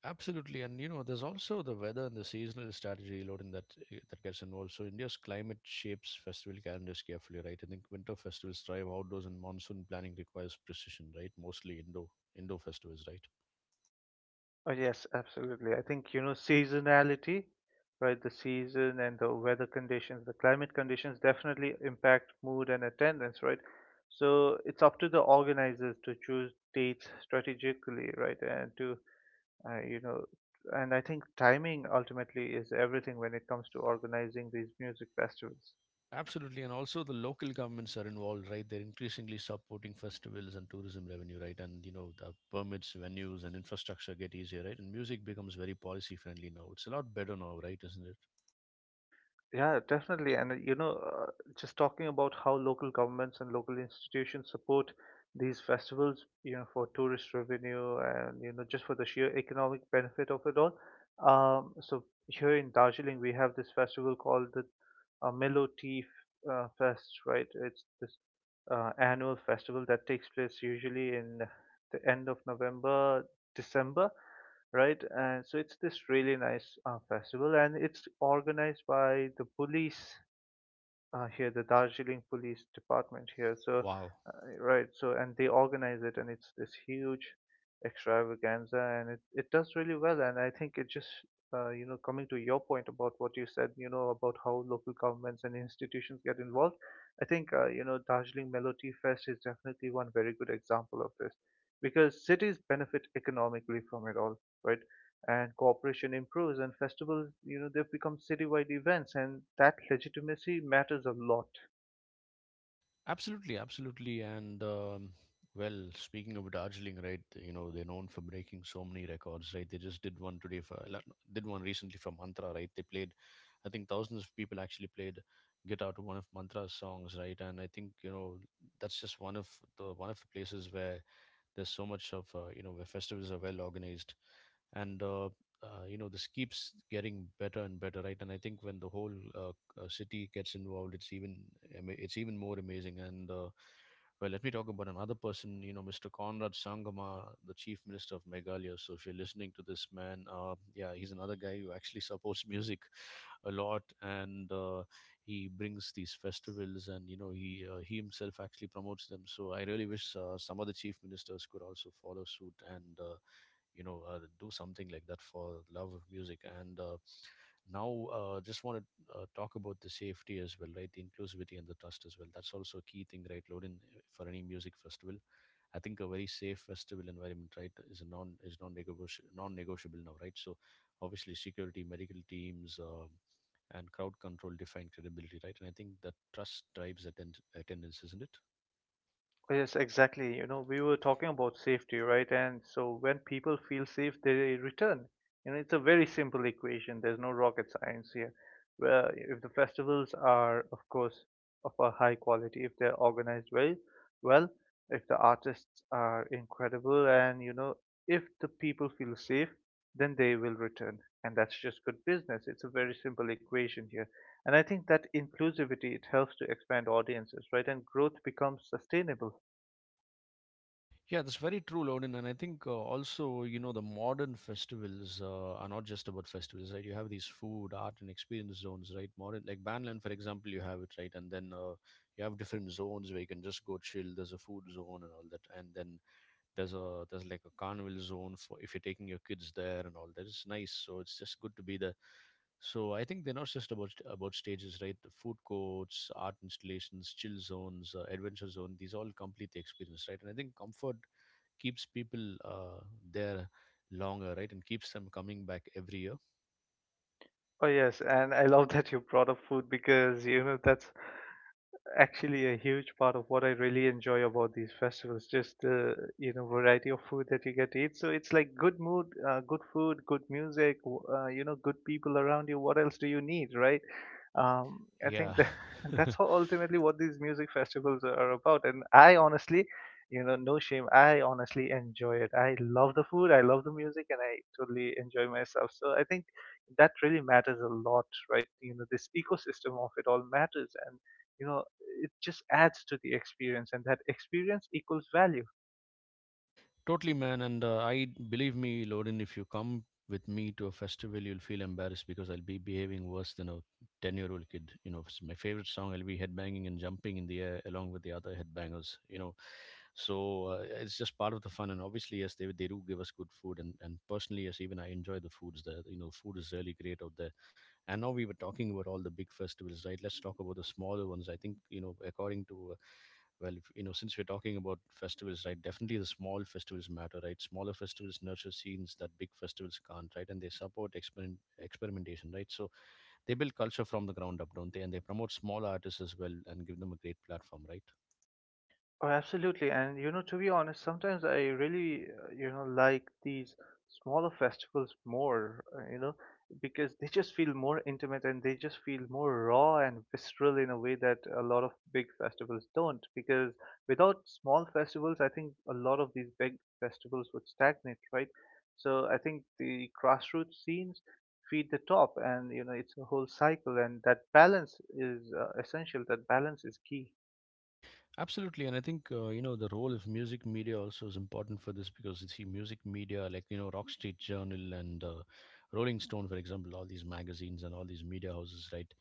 Speaker 1: Absolutely, and you know, there's also the weather and the seasonal strategy loading that eh, that gets involved. So India's climate shapes festival calendars carefully, right? I think winter festivals thrive outdoors, and monsoon planning requires precision, right? Mostly indoor indoor festivals, right?
Speaker 2: Oh, yes, absolutely. I think, you know, seasonality, right? The season and the weather conditions, the climate conditions definitely impact mood and attendance, right? So it's up to the organizers to choose dates strategically, right? And to, uh, you know, and I think timing ultimately is everything when it comes to organizing these music festivals.
Speaker 1: Absolutely, and also the local governments are involved, right? They're increasingly supporting festivals and tourism revenue, right? And you know, the permits, venues, and infrastructure get easier, right? And music becomes very policy friendly now. It's a lot better now, right? Isn't it?
Speaker 2: Yeah, definitely. And uh, you know, uh, just talking about how local governments and local institutions support these festivals, you know, for tourist revenue and you know just for the sheer economic benefit of it all. Um, so here in Darjeeling, we have this festival called the a Mellow Tea uh, Fest, right? It's this uh, annual festival that takes place usually in the end of November, December, right? And so it's this really nice uh, festival, and it's organized by the police uh, here, the Darjeeling Police Department here. So,
Speaker 1: Wow.
Speaker 2: uh, right, so and they organize it, and it's this huge extravaganza, and it it does really well. And I think it just, uh, you know, coming to your point about what you said, you know, about how local governments and institutions get involved, I think, uh, you know, Darjeeling Mellow Tea Fest is definitely one very good example of this, because cities benefit economically from it all, right? And cooperation improves and festivals, you know they've become citywide events, and that legitimacy matters a lot.
Speaker 1: Absolutely, absolutely. And um, well, speaking of Darjeeling, right? You know they're known for breaking so many records, right? They just did one today for la- did one recently for Mantra, right? They played, I think thousands of people actually played guitar to one of Mantra's songs, right? And I think you know that's just one of the one of the places where there's so much of uh, you know, where festivals are well organized, and uh, uh, you know, this keeps getting better and better, right? And I think when the whole uh, uh, city gets involved, it's even ama- it's even more amazing. And uh, well, let me talk about another person. You know, mister Conrad Sangama, the chief minister of Meghalaya. So if you're listening to this man, uh, yeah, he's another guy who actually supports <laughs> music a lot. And uh, he brings these festivals, and you know he uh, he himself actually promotes them. So I really wish uh, some other chief ministers could also follow suit, and uh, you know, uh, do something like that for the love of music. And uh, now, uh, just want to uh, talk about the safety as well, right? The inclusivity and the trust as well. That's also a key thing, right, Lorin, for any music festival. I think a very safe festival environment, right, is a non is non-negotiable, non-negotiable now, right? So, obviously, security, medical teams, um and crowd control define credibility, right? And I think that trust drives attend- attendance, isn't it?
Speaker 2: Yes, exactly. You know, we were talking about safety, right? And so when people feel safe, they return. You know, it's a very simple equation. There's no rocket science here. Well, if the festivals are, of course, of a high quality, if they're organized well, well, if the artists are incredible, and you know, if the people feel safe, then they will return. And that's just good business. It's a very simple equation here. And I think that inclusivity, it helps to expand audiences, right? And growth becomes sustainable.
Speaker 1: Yeah, that's very true, Loden. And I think uh, also, you know, the modern festivals uh, are not just about festivals, right? You have these food, art, and experience zones, right? Modern, like Banland, for example, you have it, right? And then uh, you have different zones where you can just go chill. There's a food zone and all that, and then there's a there's like a carnival zone for if you're taking your kids there and all that. It's nice. So it's just good to be there. So I think they're not just about about stages, right? The food courts, art installations, chill zones, uh, adventure zone. These all complete the experience, right? And I think comfort keeps people uh, there longer, right? And keeps them coming back every year.
Speaker 2: Oh yes, and I love <laughs> that you brought up food because you know that's actually a huge part of what I really enjoy about these festivals. Just the you know variety of food that you get to eat. So it's like good mood, uh, good food, good music, w- uh, you know, good people around you. What else do you need, right? Um, I think
Speaker 1: Yeah.
Speaker 2: that <laughs> that's
Speaker 1: <laughs>
Speaker 2: how ultimately what these music festivals are about. And I honestly, you know, no shame. I honestly enjoy it. I love the food. I love the music, and I totally enjoy myself. So I think that really matters a lot, right? You know, this ecosystem of it all matters, and you know it just adds to the experience, and that experience equals value.
Speaker 1: Totally, man. And uh, I believe me, Lorin, if you come with me to a festival, you'll feel embarrassed because I'll be behaving worse than a ten year old kid. You know, it's my favorite song. I'll be headbanging and jumping in the air along with the other headbangers, you know. So uh, it's just part of the fun. And obviously, yes, they, they do give us good food. And, and personally, yes, even I enjoy the foods there. You know, food is really great out there. And now we were talking about all the big festivals, right? Let's talk about the smaller ones. I think, you know, according to uh, well, if, you know, since we're talking about festivals, right, definitely the small festivals matter, right? Smaller festivals nurture scenes that big festivals can't, right? And they support experiment, experimentation, right? So they build culture from the ground up, don't they? And they promote small artists as well, and give them a great platform, right?
Speaker 2: Oh, absolutely. And you know, to be honest, sometimes I really, uh, you know, like these smaller festivals more, uh, you know, because they just feel more intimate and they just feel more raw and visceral in a way that a lot of big festivals don't. Because without small festivals, I think a lot of these big festivals would stagnate, right? So I think the grassroots scenes feed the top, and you know, it's a whole cycle, and that balance is uh, essential. That balance is key.
Speaker 1: Absolutely, and I think uh, you know, the role of music media also is important for this, because you see music media like you know, Rock Street Journal, and uh, Rolling Stone, for example, all these magazines and all these media houses, right?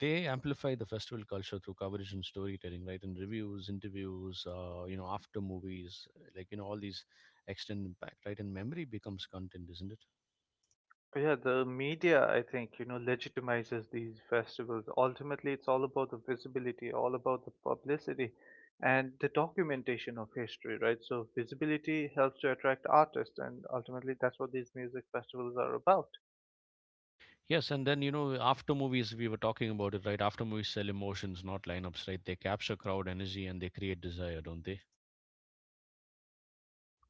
Speaker 1: They amplify the festival culture through coverage and storytelling, right? And reviews, interviews, uh, you know, after movies, like you know all these extend impact, right? And memory becomes content, isn't it?
Speaker 2: Yeah, the media, I think, you know, legitimizes these festivals. Ultimately, it's all about the visibility, all about the publicity and the documentation of history, right? So, visibility helps to attract artists, and ultimately, that's what these music festivals are about.
Speaker 1: Yes, and then you know after movies, we were talking about it, right? After movies sell emotions, not lineups, right? They capture crowd energy, and they create desire, don't they?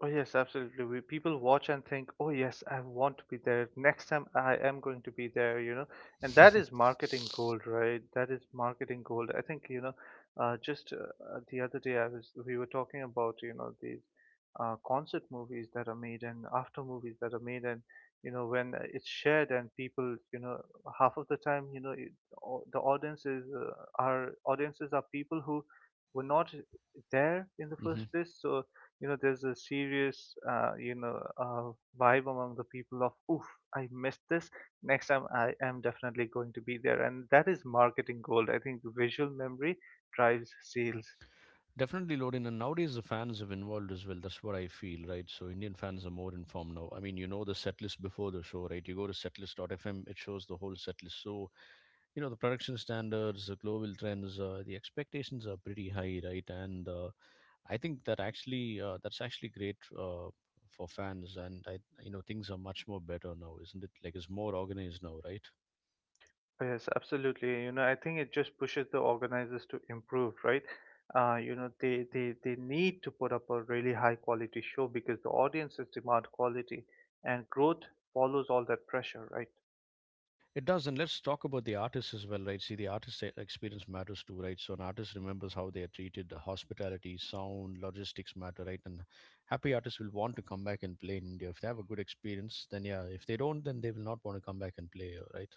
Speaker 2: Oh yes, absolutely. We, people watch and think, "Oh yes, I want to be there. Next time I am going to be there," you know. And that is
Speaker 1: <laughs>
Speaker 2: marketing gold, right? That is marketing gold. I think, you know, uh, just uh, uh, the other day I was we were talking about, you know, these uh, concert movies that are made and after movies that are made and you know when uh, it's shared and people, you know, half of the time, you know, it, au- the audiences uh, are audiences are people who were not there in the
Speaker 1: Hmm.
Speaker 2: first place. So you know there's a serious uh, you know uh, vibe among the people of oof, I missed this. Next time I am definitely going to be there, and that is marketing gold. I think visual memory drives sales.
Speaker 1: Definitely, Lorin. And nowadays, the fans have involved as well. That's what I feel, right? So, Indian fans are more informed now. I mean, you know the set list before the show, right? You go to setlist dot f m, it shows the whole set list. So, you know, the production standards, the global trends, uh, the expectations are pretty high, right? And uh, I think that actually uh, that's actually great uh, for fans. And I, you know, things are much more better now, isn't it? Like, it's more organized now, right?
Speaker 2: Yes, absolutely. You know, I think it just pushes the organizers to improve, right? uh, you know they, they they need to put up a really high quality show because the audiences demand quality, and growth follows all that pressure, right?
Speaker 1: It does, and let's talk about the artists as well, right? See, the artist e- experience matters too, right? So an artist remembers how they are treated, the hospitality, sound, logistics matter, right? And happy artists will want to come back and play in India. If they have a good experience, then yeah. If they don't, then they will not want to come back and play, uh, right?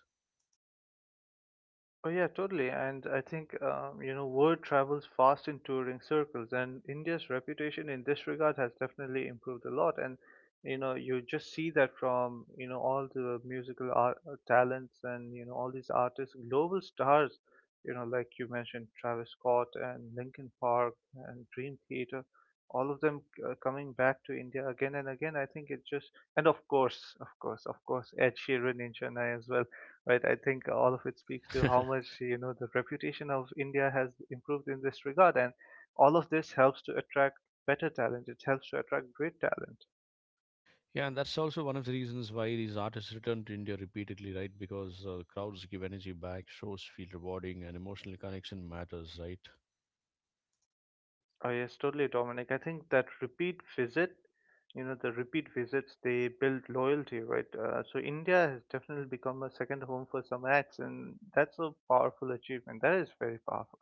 Speaker 2: Oh yeah, totally. And I think um, you know word travels fast in touring circles, and India's reputation in this regard has definitely improved a lot. And you know you just see that from you know all the musical art, uh, talents, and you know all these artists, global stars. You know, like you mentioned, Travis Scott and Linkin Park and Dream Theater, all of them uh, coming back to India again and again. I think it just and of course, of course, of course, Ed Sheeran in Chennai as well, right? I think all of it speaks to how
Speaker 1: <laughs>
Speaker 2: much you know the reputation of India has improved in this regard, and all of this helps to attract better talent. It helps to attract great talent.
Speaker 1: Yeah, and that's also one of the reasons why these artists return to India repeatedly, right? Because uh, crowds give energy back, shows feel rewarding, and emotional connection matters, right?
Speaker 2: Oh yes, totally, Dominic. I think that repeat visit, you know, the repeat visits they build loyalty, right? Uh, so India has definitely become a second home for some acts, and that's a powerful achievement. That is very powerful.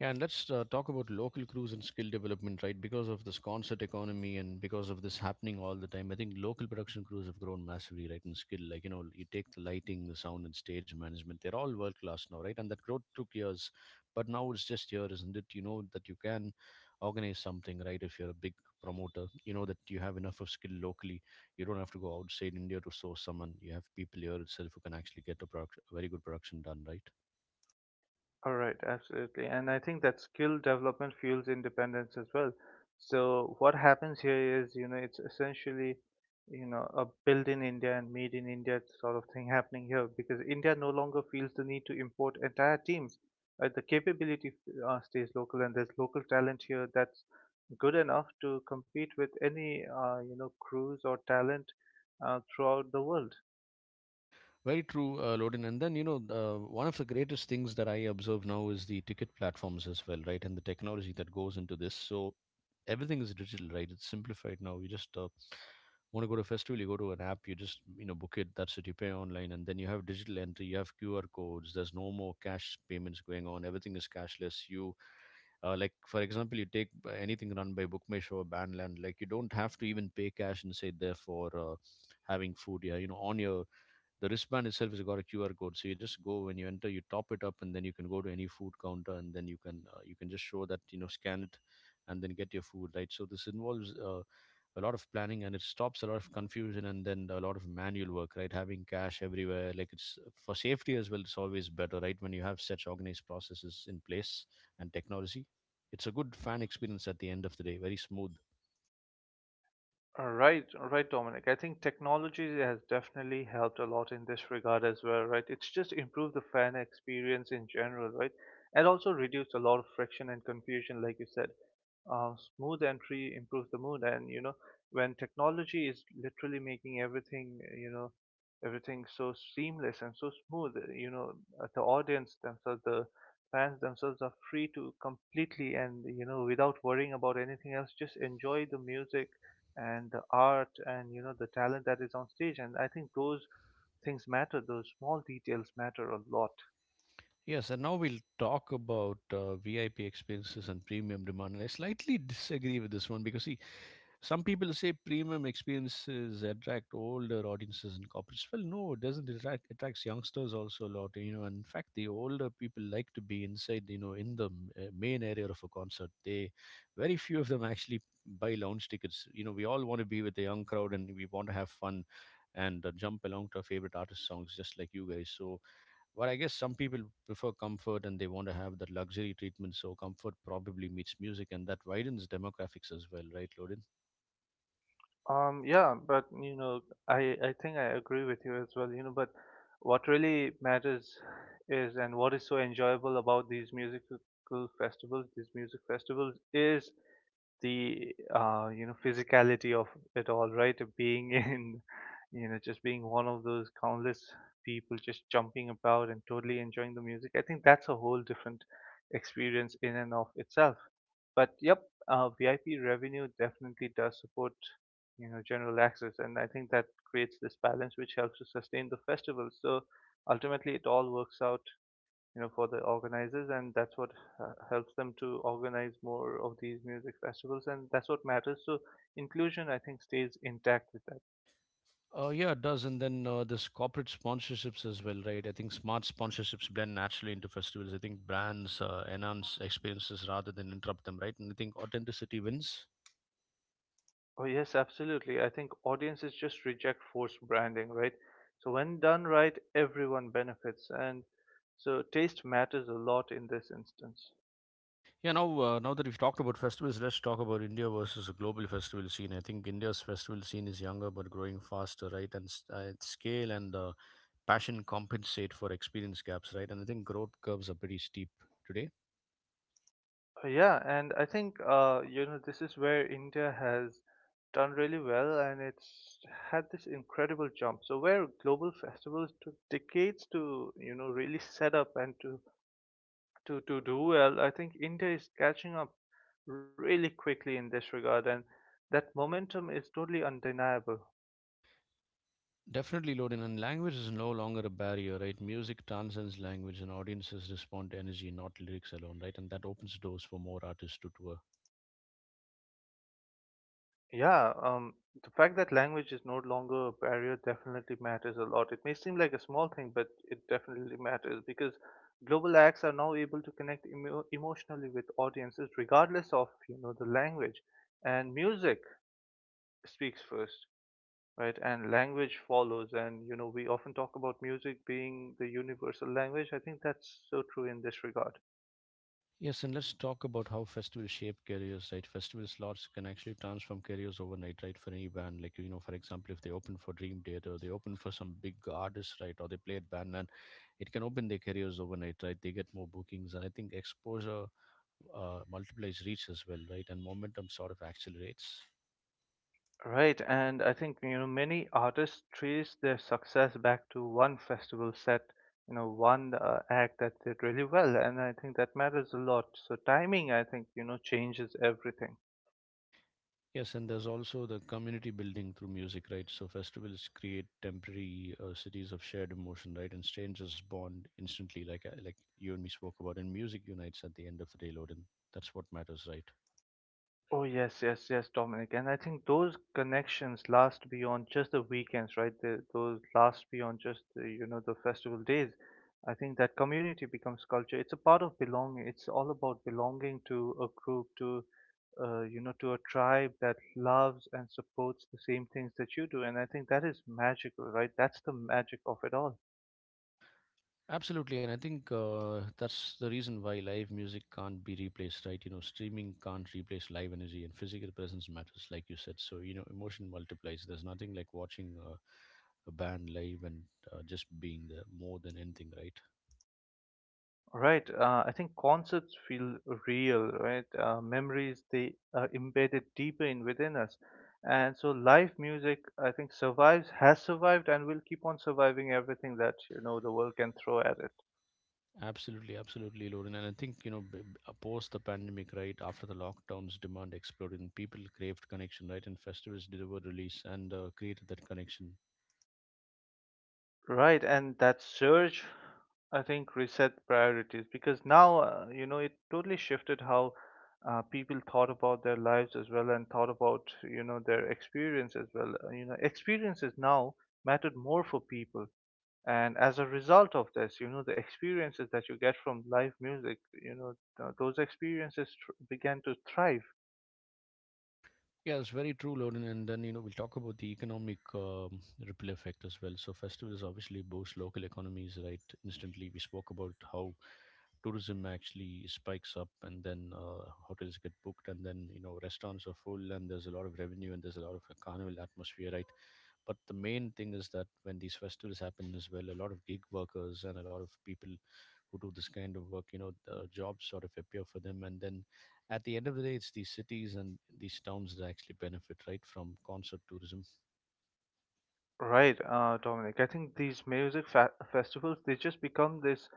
Speaker 1: Yeah, and let's uh, talk about local crews and skill development, right? Because of this concert economy, and because of this happening all the time, I think local production crews have grown massively, right? In skill, like you know, you take the lighting, the sound, and stage management; they're all world class now, right? And that growth took years, but now it's just here, isn't it? You know that you can organize something, right? If you're a big promoter, you know that you have enough of skill locally. You don't have to go outside India to source someone. You have people here itself who can actually get a product, a very good production done, right?
Speaker 2: All right, absolutely. And I think that skill development fuels independence as well. So what happens here is, you know, it's essentially, you know, a build in India and made in India sort of thing happening here because India no longer feels the need to import entire teams. Uh, the capability uh, stays local, and there's local talent here that's good enough to compete with any, uh, you know, crews or talent uh, throughout the world.
Speaker 1: Very true, uh, Lodin. And then, you know, uh, one of the greatest things that I observe now is the ticket platforms as well, right? And the technology that goes into this. So everything is digital, right? It's simplified now. You just uh, want to go to a festival, you go to an app, you just, you know, book it. That's it. You pay online. And then you have digital entry, you have Q R codes. There's no more cash payments going on. Everything is cashless. You, uh, like, for example, you take b- anything run by BookMyShow or Bandland, like, you don't have to even pay cash and say, therefore, uh, having food, yeah, you know, on your the wristband itself has got a Q R code. So you just go, when you enter, you top it up, and then you can go to any food counter, and then you can, uh, you can just show that, you know, scan it and then get your food, right? So this involves uh, a lot of planning, and it stops a lot of confusion and then a lot of manual work, right? Having cash everywhere, like, it's for safety as well. It's always better, right, when you have such organized processes in place and technology. It's a good fan experience at the end of the day, very smooth.
Speaker 2: Uh, Right, right, Dominic. I think technology has definitely helped a lot in this regard as well, right? It's just improved the fan experience in general, right? And also reduced a lot of friction and confusion, like you said. Uh, smooth entry improves the mood, and you know when technology is literally making everything uh, you know everything so seamless and so smooth, uh, you know uh, the audience themselves the fans themselves are free to completely and you know without worrying about anything else just enjoy the music and the art and you know the talent that is on stage. And I think those things matter. Those small details matter a lot.
Speaker 1: Yes, and now we'll talk about uh, V I P experiences and premium demand. And I slightly disagree with this one because, see, some people say premium experiences attract older audiences and corporates. Well, no, it doesn't. It attract, attracts youngsters also a lot, you know. And in fact, the older people like to be inside, you know, in the m- uh, main area of a concert. They, very few of them actually buy lounge tickets. You know, we all want to be with the young crowd and we want to have fun and uh, jump along to our favorite artist songs, just like you guys. So, but I guess some people prefer comfort and they want to have that luxury treatment. So comfort probably meets music, and that widens demographics as well, right, Loden?
Speaker 2: Um, yeah, but you know, I I think I agree with you as well, you know, but what really matters is and what is so enjoyable about these musical festivals, these music festivals is the uh, you know, physicality of it all, right? <laughs> Being in, you know, just being one of those countless people just jumping about and totally enjoying the music. I think that's a whole different experience in and of itself. But yep, uh, V I P revenue definitely does support, you know, general access, and I think that creates this balance which helps to sustain the festival. So ultimately, it all works out, you know, for the organizers, and that's what uh, helps them to organize more of these music festivals, and that's what matters. So inclusion, I think, stays intact with that.
Speaker 1: Uh, yeah, it does. And then uh, this corporate sponsorships as well, right? I think smart sponsorships blend naturally into festivals. I think brands uh, enhance experiences rather than interrupt them, right? And I think authenticity wins.
Speaker 2: Oh yes, absolutely. I think audiences just reject forced branding, right? So when done right, everyone benefits, and so taste matters a lot in this instance.
Speaker 1: Yeah, now uh, now that we've talked about festivals, let's talk about India versus a global festival scene. I think India's festival scene is younger but growing faster, right? And s- uh, its scale and uh, passion compensate for experience gaps, right? And I think growth curves are pretty steep today.
Speaker 2: Uh, Yeah, and I think uh, you know this is where India has done really well, and it's had this incredible jump. So where global festivals took decades to you know really set up and to to to do well, I think India is catching up really quickly in this regard, and that momentum is totally undeniable.
Speaker 1: Definitely, Loden, and language is no longer a barrier, right? Music transcends language, and audiences respond to energy, not lyrics alone, right? And that opens doors for more artists to tour.
Speaker 2: Yeah, um, the fact that language is no longer a barrier definitely matters a lot. It may seem like a small thing, but it definitely matters because global acts are now able to connect emo emotionally with audiences regardless of, you know, the language. And music speaks first, right? And language follows. And, you know, we often talk about music being the universal language. I think that's so true in this regard.
Speaker 1: Yes, and let's talk about how festivals shape careers, right? Festival slots can actually transform careers overnight, right? For any band, like, you know, for example, if they open for Dream Theater, they open for some big artists, right? Or they play at Bandland, it can open their careers overnight, right? They get more bookings, and I think exposure uh, multiplies reach as well, right? And momentum sort of accelerates.
Speaker 2: Right, and I think you know many artists trace their success back to one festival set, you know, one uh, act that did really well, and I think that matters a lot. So timing, I think, you know, changes everything.
Speaker 1: Yes, and there's also the community building through music, right? So festivals create temporary uh, cities of shared emotion, right? And strangers bond instantly, like uh, like you and me spoke about. And music unites at the end of the day, Loden. That's what matters, right?
Speaker 2: Oh yes, yes, yes, Dominic, and I think those connections last beyond just the weekends, right? The, those last beyond just the, you know the festival days. I think that community becomes culture. It's a part of belonging. It's all about belonging to a group, to uh, you know, to a tribe that loves and supports the same things that you do. And I think that is magical, right? That's the magic of it all.
Speaker 1: Absolutely, and I think uh, that's the reason why live music can't be replaced, right? You know, streaming can't replace live energy, and physical presence matters, like you said. So you know, emotion multiplies. There's nothing like watching uh, a band live and uh, just being there more than anything, right?
Speaker 2: Right. Uh, I think concepts feel real, right? Uh, memories, they are embedded deeper in within us. And so live music, I think, survives, has survived, and will keep on surviving everything that, you know, the world can throw at it.
Speaker 1: Absolutely, absolutely, Lorin. And I think, you know, b- b- uh, post the pandemic, right after the lockdowns, demand exploded, and people craved connection, right? And festivals delivered release and uh, created that connection.
Speaker 2: Right, and that surge, I think, reset priorities because now, uh, you know, it totally shifted how uh, people thought about their lives as well and thought about, you know, their experience as well. Uh, You know, experiences now mattered more for people. And as a result of this, you know, the experiences that you get from live music, you know, th- those experiences tr- began to thrive.
Speaker 1: Yeah, it's very true, Loden. And then, you know, we'll talk about the economic um, ripple effect as well. So, festivals obviously boost local economies, right? Instantly, we spoke about how tourism actually spikes up, and then uh, hotels get booked, and then, you know, restaurants are full, and there's a lot of revenue, and there's a lot of a carnival atmosphere, right? But the main thing is that when these festivals happen as well, a lot of gig workers and a lot of people who do this kind of work, you know, the jobs sort of appear for them, and then at the end of the day, it's these cities and these towns that actually benefit, right, from concert tourism.
Speaker 2: Right, uh, Dominic. I think these music fa festivals they just become this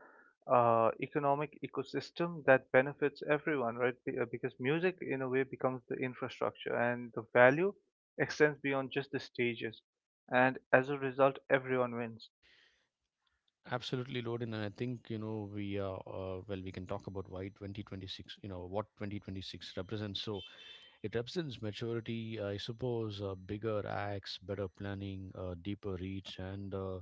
Speaker 2: uh, economic ecosystem that benefits everyone, right? Be uh, Because music, in a way, becomes the infrastructure, and the value extends beyond just the stages. And as a result, everyone wins.
Speaker 1: Absolutely, Loden. And I think, you know, we are, uh, well, we can talk about why twenty twenty-six, you know, what twenty twenty-six represents. So it represents maturity, I suppose, uh, bigger acts, better planning, uh, deeper reach. And uh,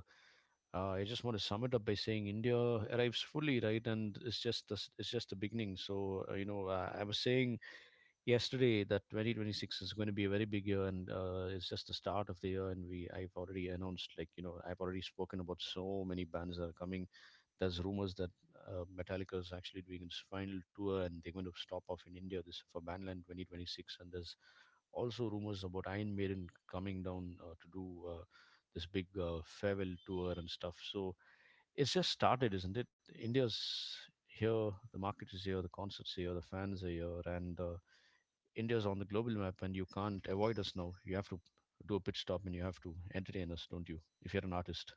Speaker 1: uh, I just want to sum it up by saying India arrives fully, right? And it's just, the, it's just the beginning. So, uh, you know, uh, I was saying yesterday that twenty twenty-six is going to be a very big year, and uh, it's just the start of the year, and we, I've already announced, like, you know, I've already spoken about so many bands that are coming. There's rumors that uh, Metallica is actually doing its final tour and they're going to stop off in India this for Bandland twenty twenty-six. And there's also rumors about Iron Maiden coming down uh, to do uh, this big uh, farewell tour and stuff. So it's just started, isn't it? India's here, the market is here, the concerts are here, the fans are here, and uh, India's on the global map, and you can't avoid us now. You have to do a pit stop, and you have to entertain us, don't you? If you're an artist.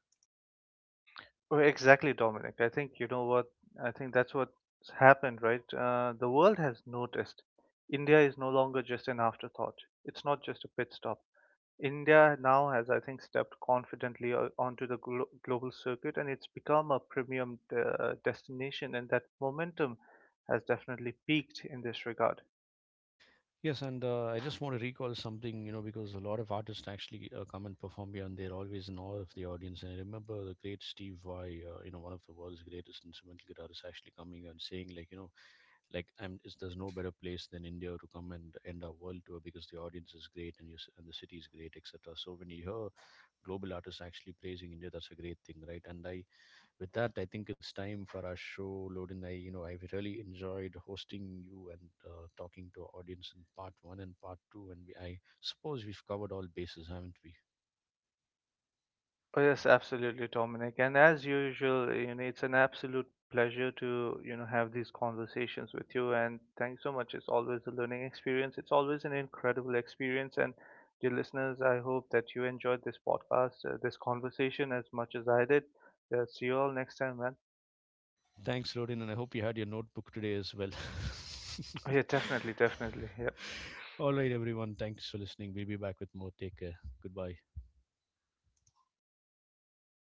Speaker 2: Oh, exactly, Dominic. I think you know what. I think that's what's happened, right? Uh, the world has noticed. India is no longer just an afterthought. It's not just a pit stop. India now has, I think, stepped confidently o- onto the glo- global circuit, and it's become a premium uh, destination, and that momentum has definitely peaked in this regard.
Speaker 1: Yes, and uh, I just want to recall something, you know, because a lot of artists actually uh, come and perform here, and they're always in awe of the audience. And I remember the great Steve Vai, uh, you know, one of the world's greatest instrumental guitarists, actually coming and saying, like, you know, like, I'm, it's, there's no better place than India to come and end our world tour because the audience is great and, you, and the city is great, et cetera. So when you hear global artists actually praising India, that's a great thing, right? And I, with that, I think it's time for our show, Loden. I, you know, I've really enjoyed hosting you and uh, talking to our audience in part one and part two, and we, I suppose we've covered all bases, haven't we?
Speaker 2: Oh, yes, absolutely, Dominic. And as usual, you know, it's an absolute pleasure to, you know, have these conversations with you. And thanks so much. It's always a learning experience. It's always an incredible experience. And dear listeners, I hope that you enjoyed this podcast, uh, this conversation as much as I did. Uh, see you all next time, man.
Speaker 1: Thanks, Loden, and I hope you had your notebook today as well.
Speaker 2: Oh, yeah,
Speaker 1: <laughs>
Speaker 2: definitely, definitely. Yeah.
Speaker 1: All right, everyone. Thanks for listening. We'll be back with more. Take care. Goodbye.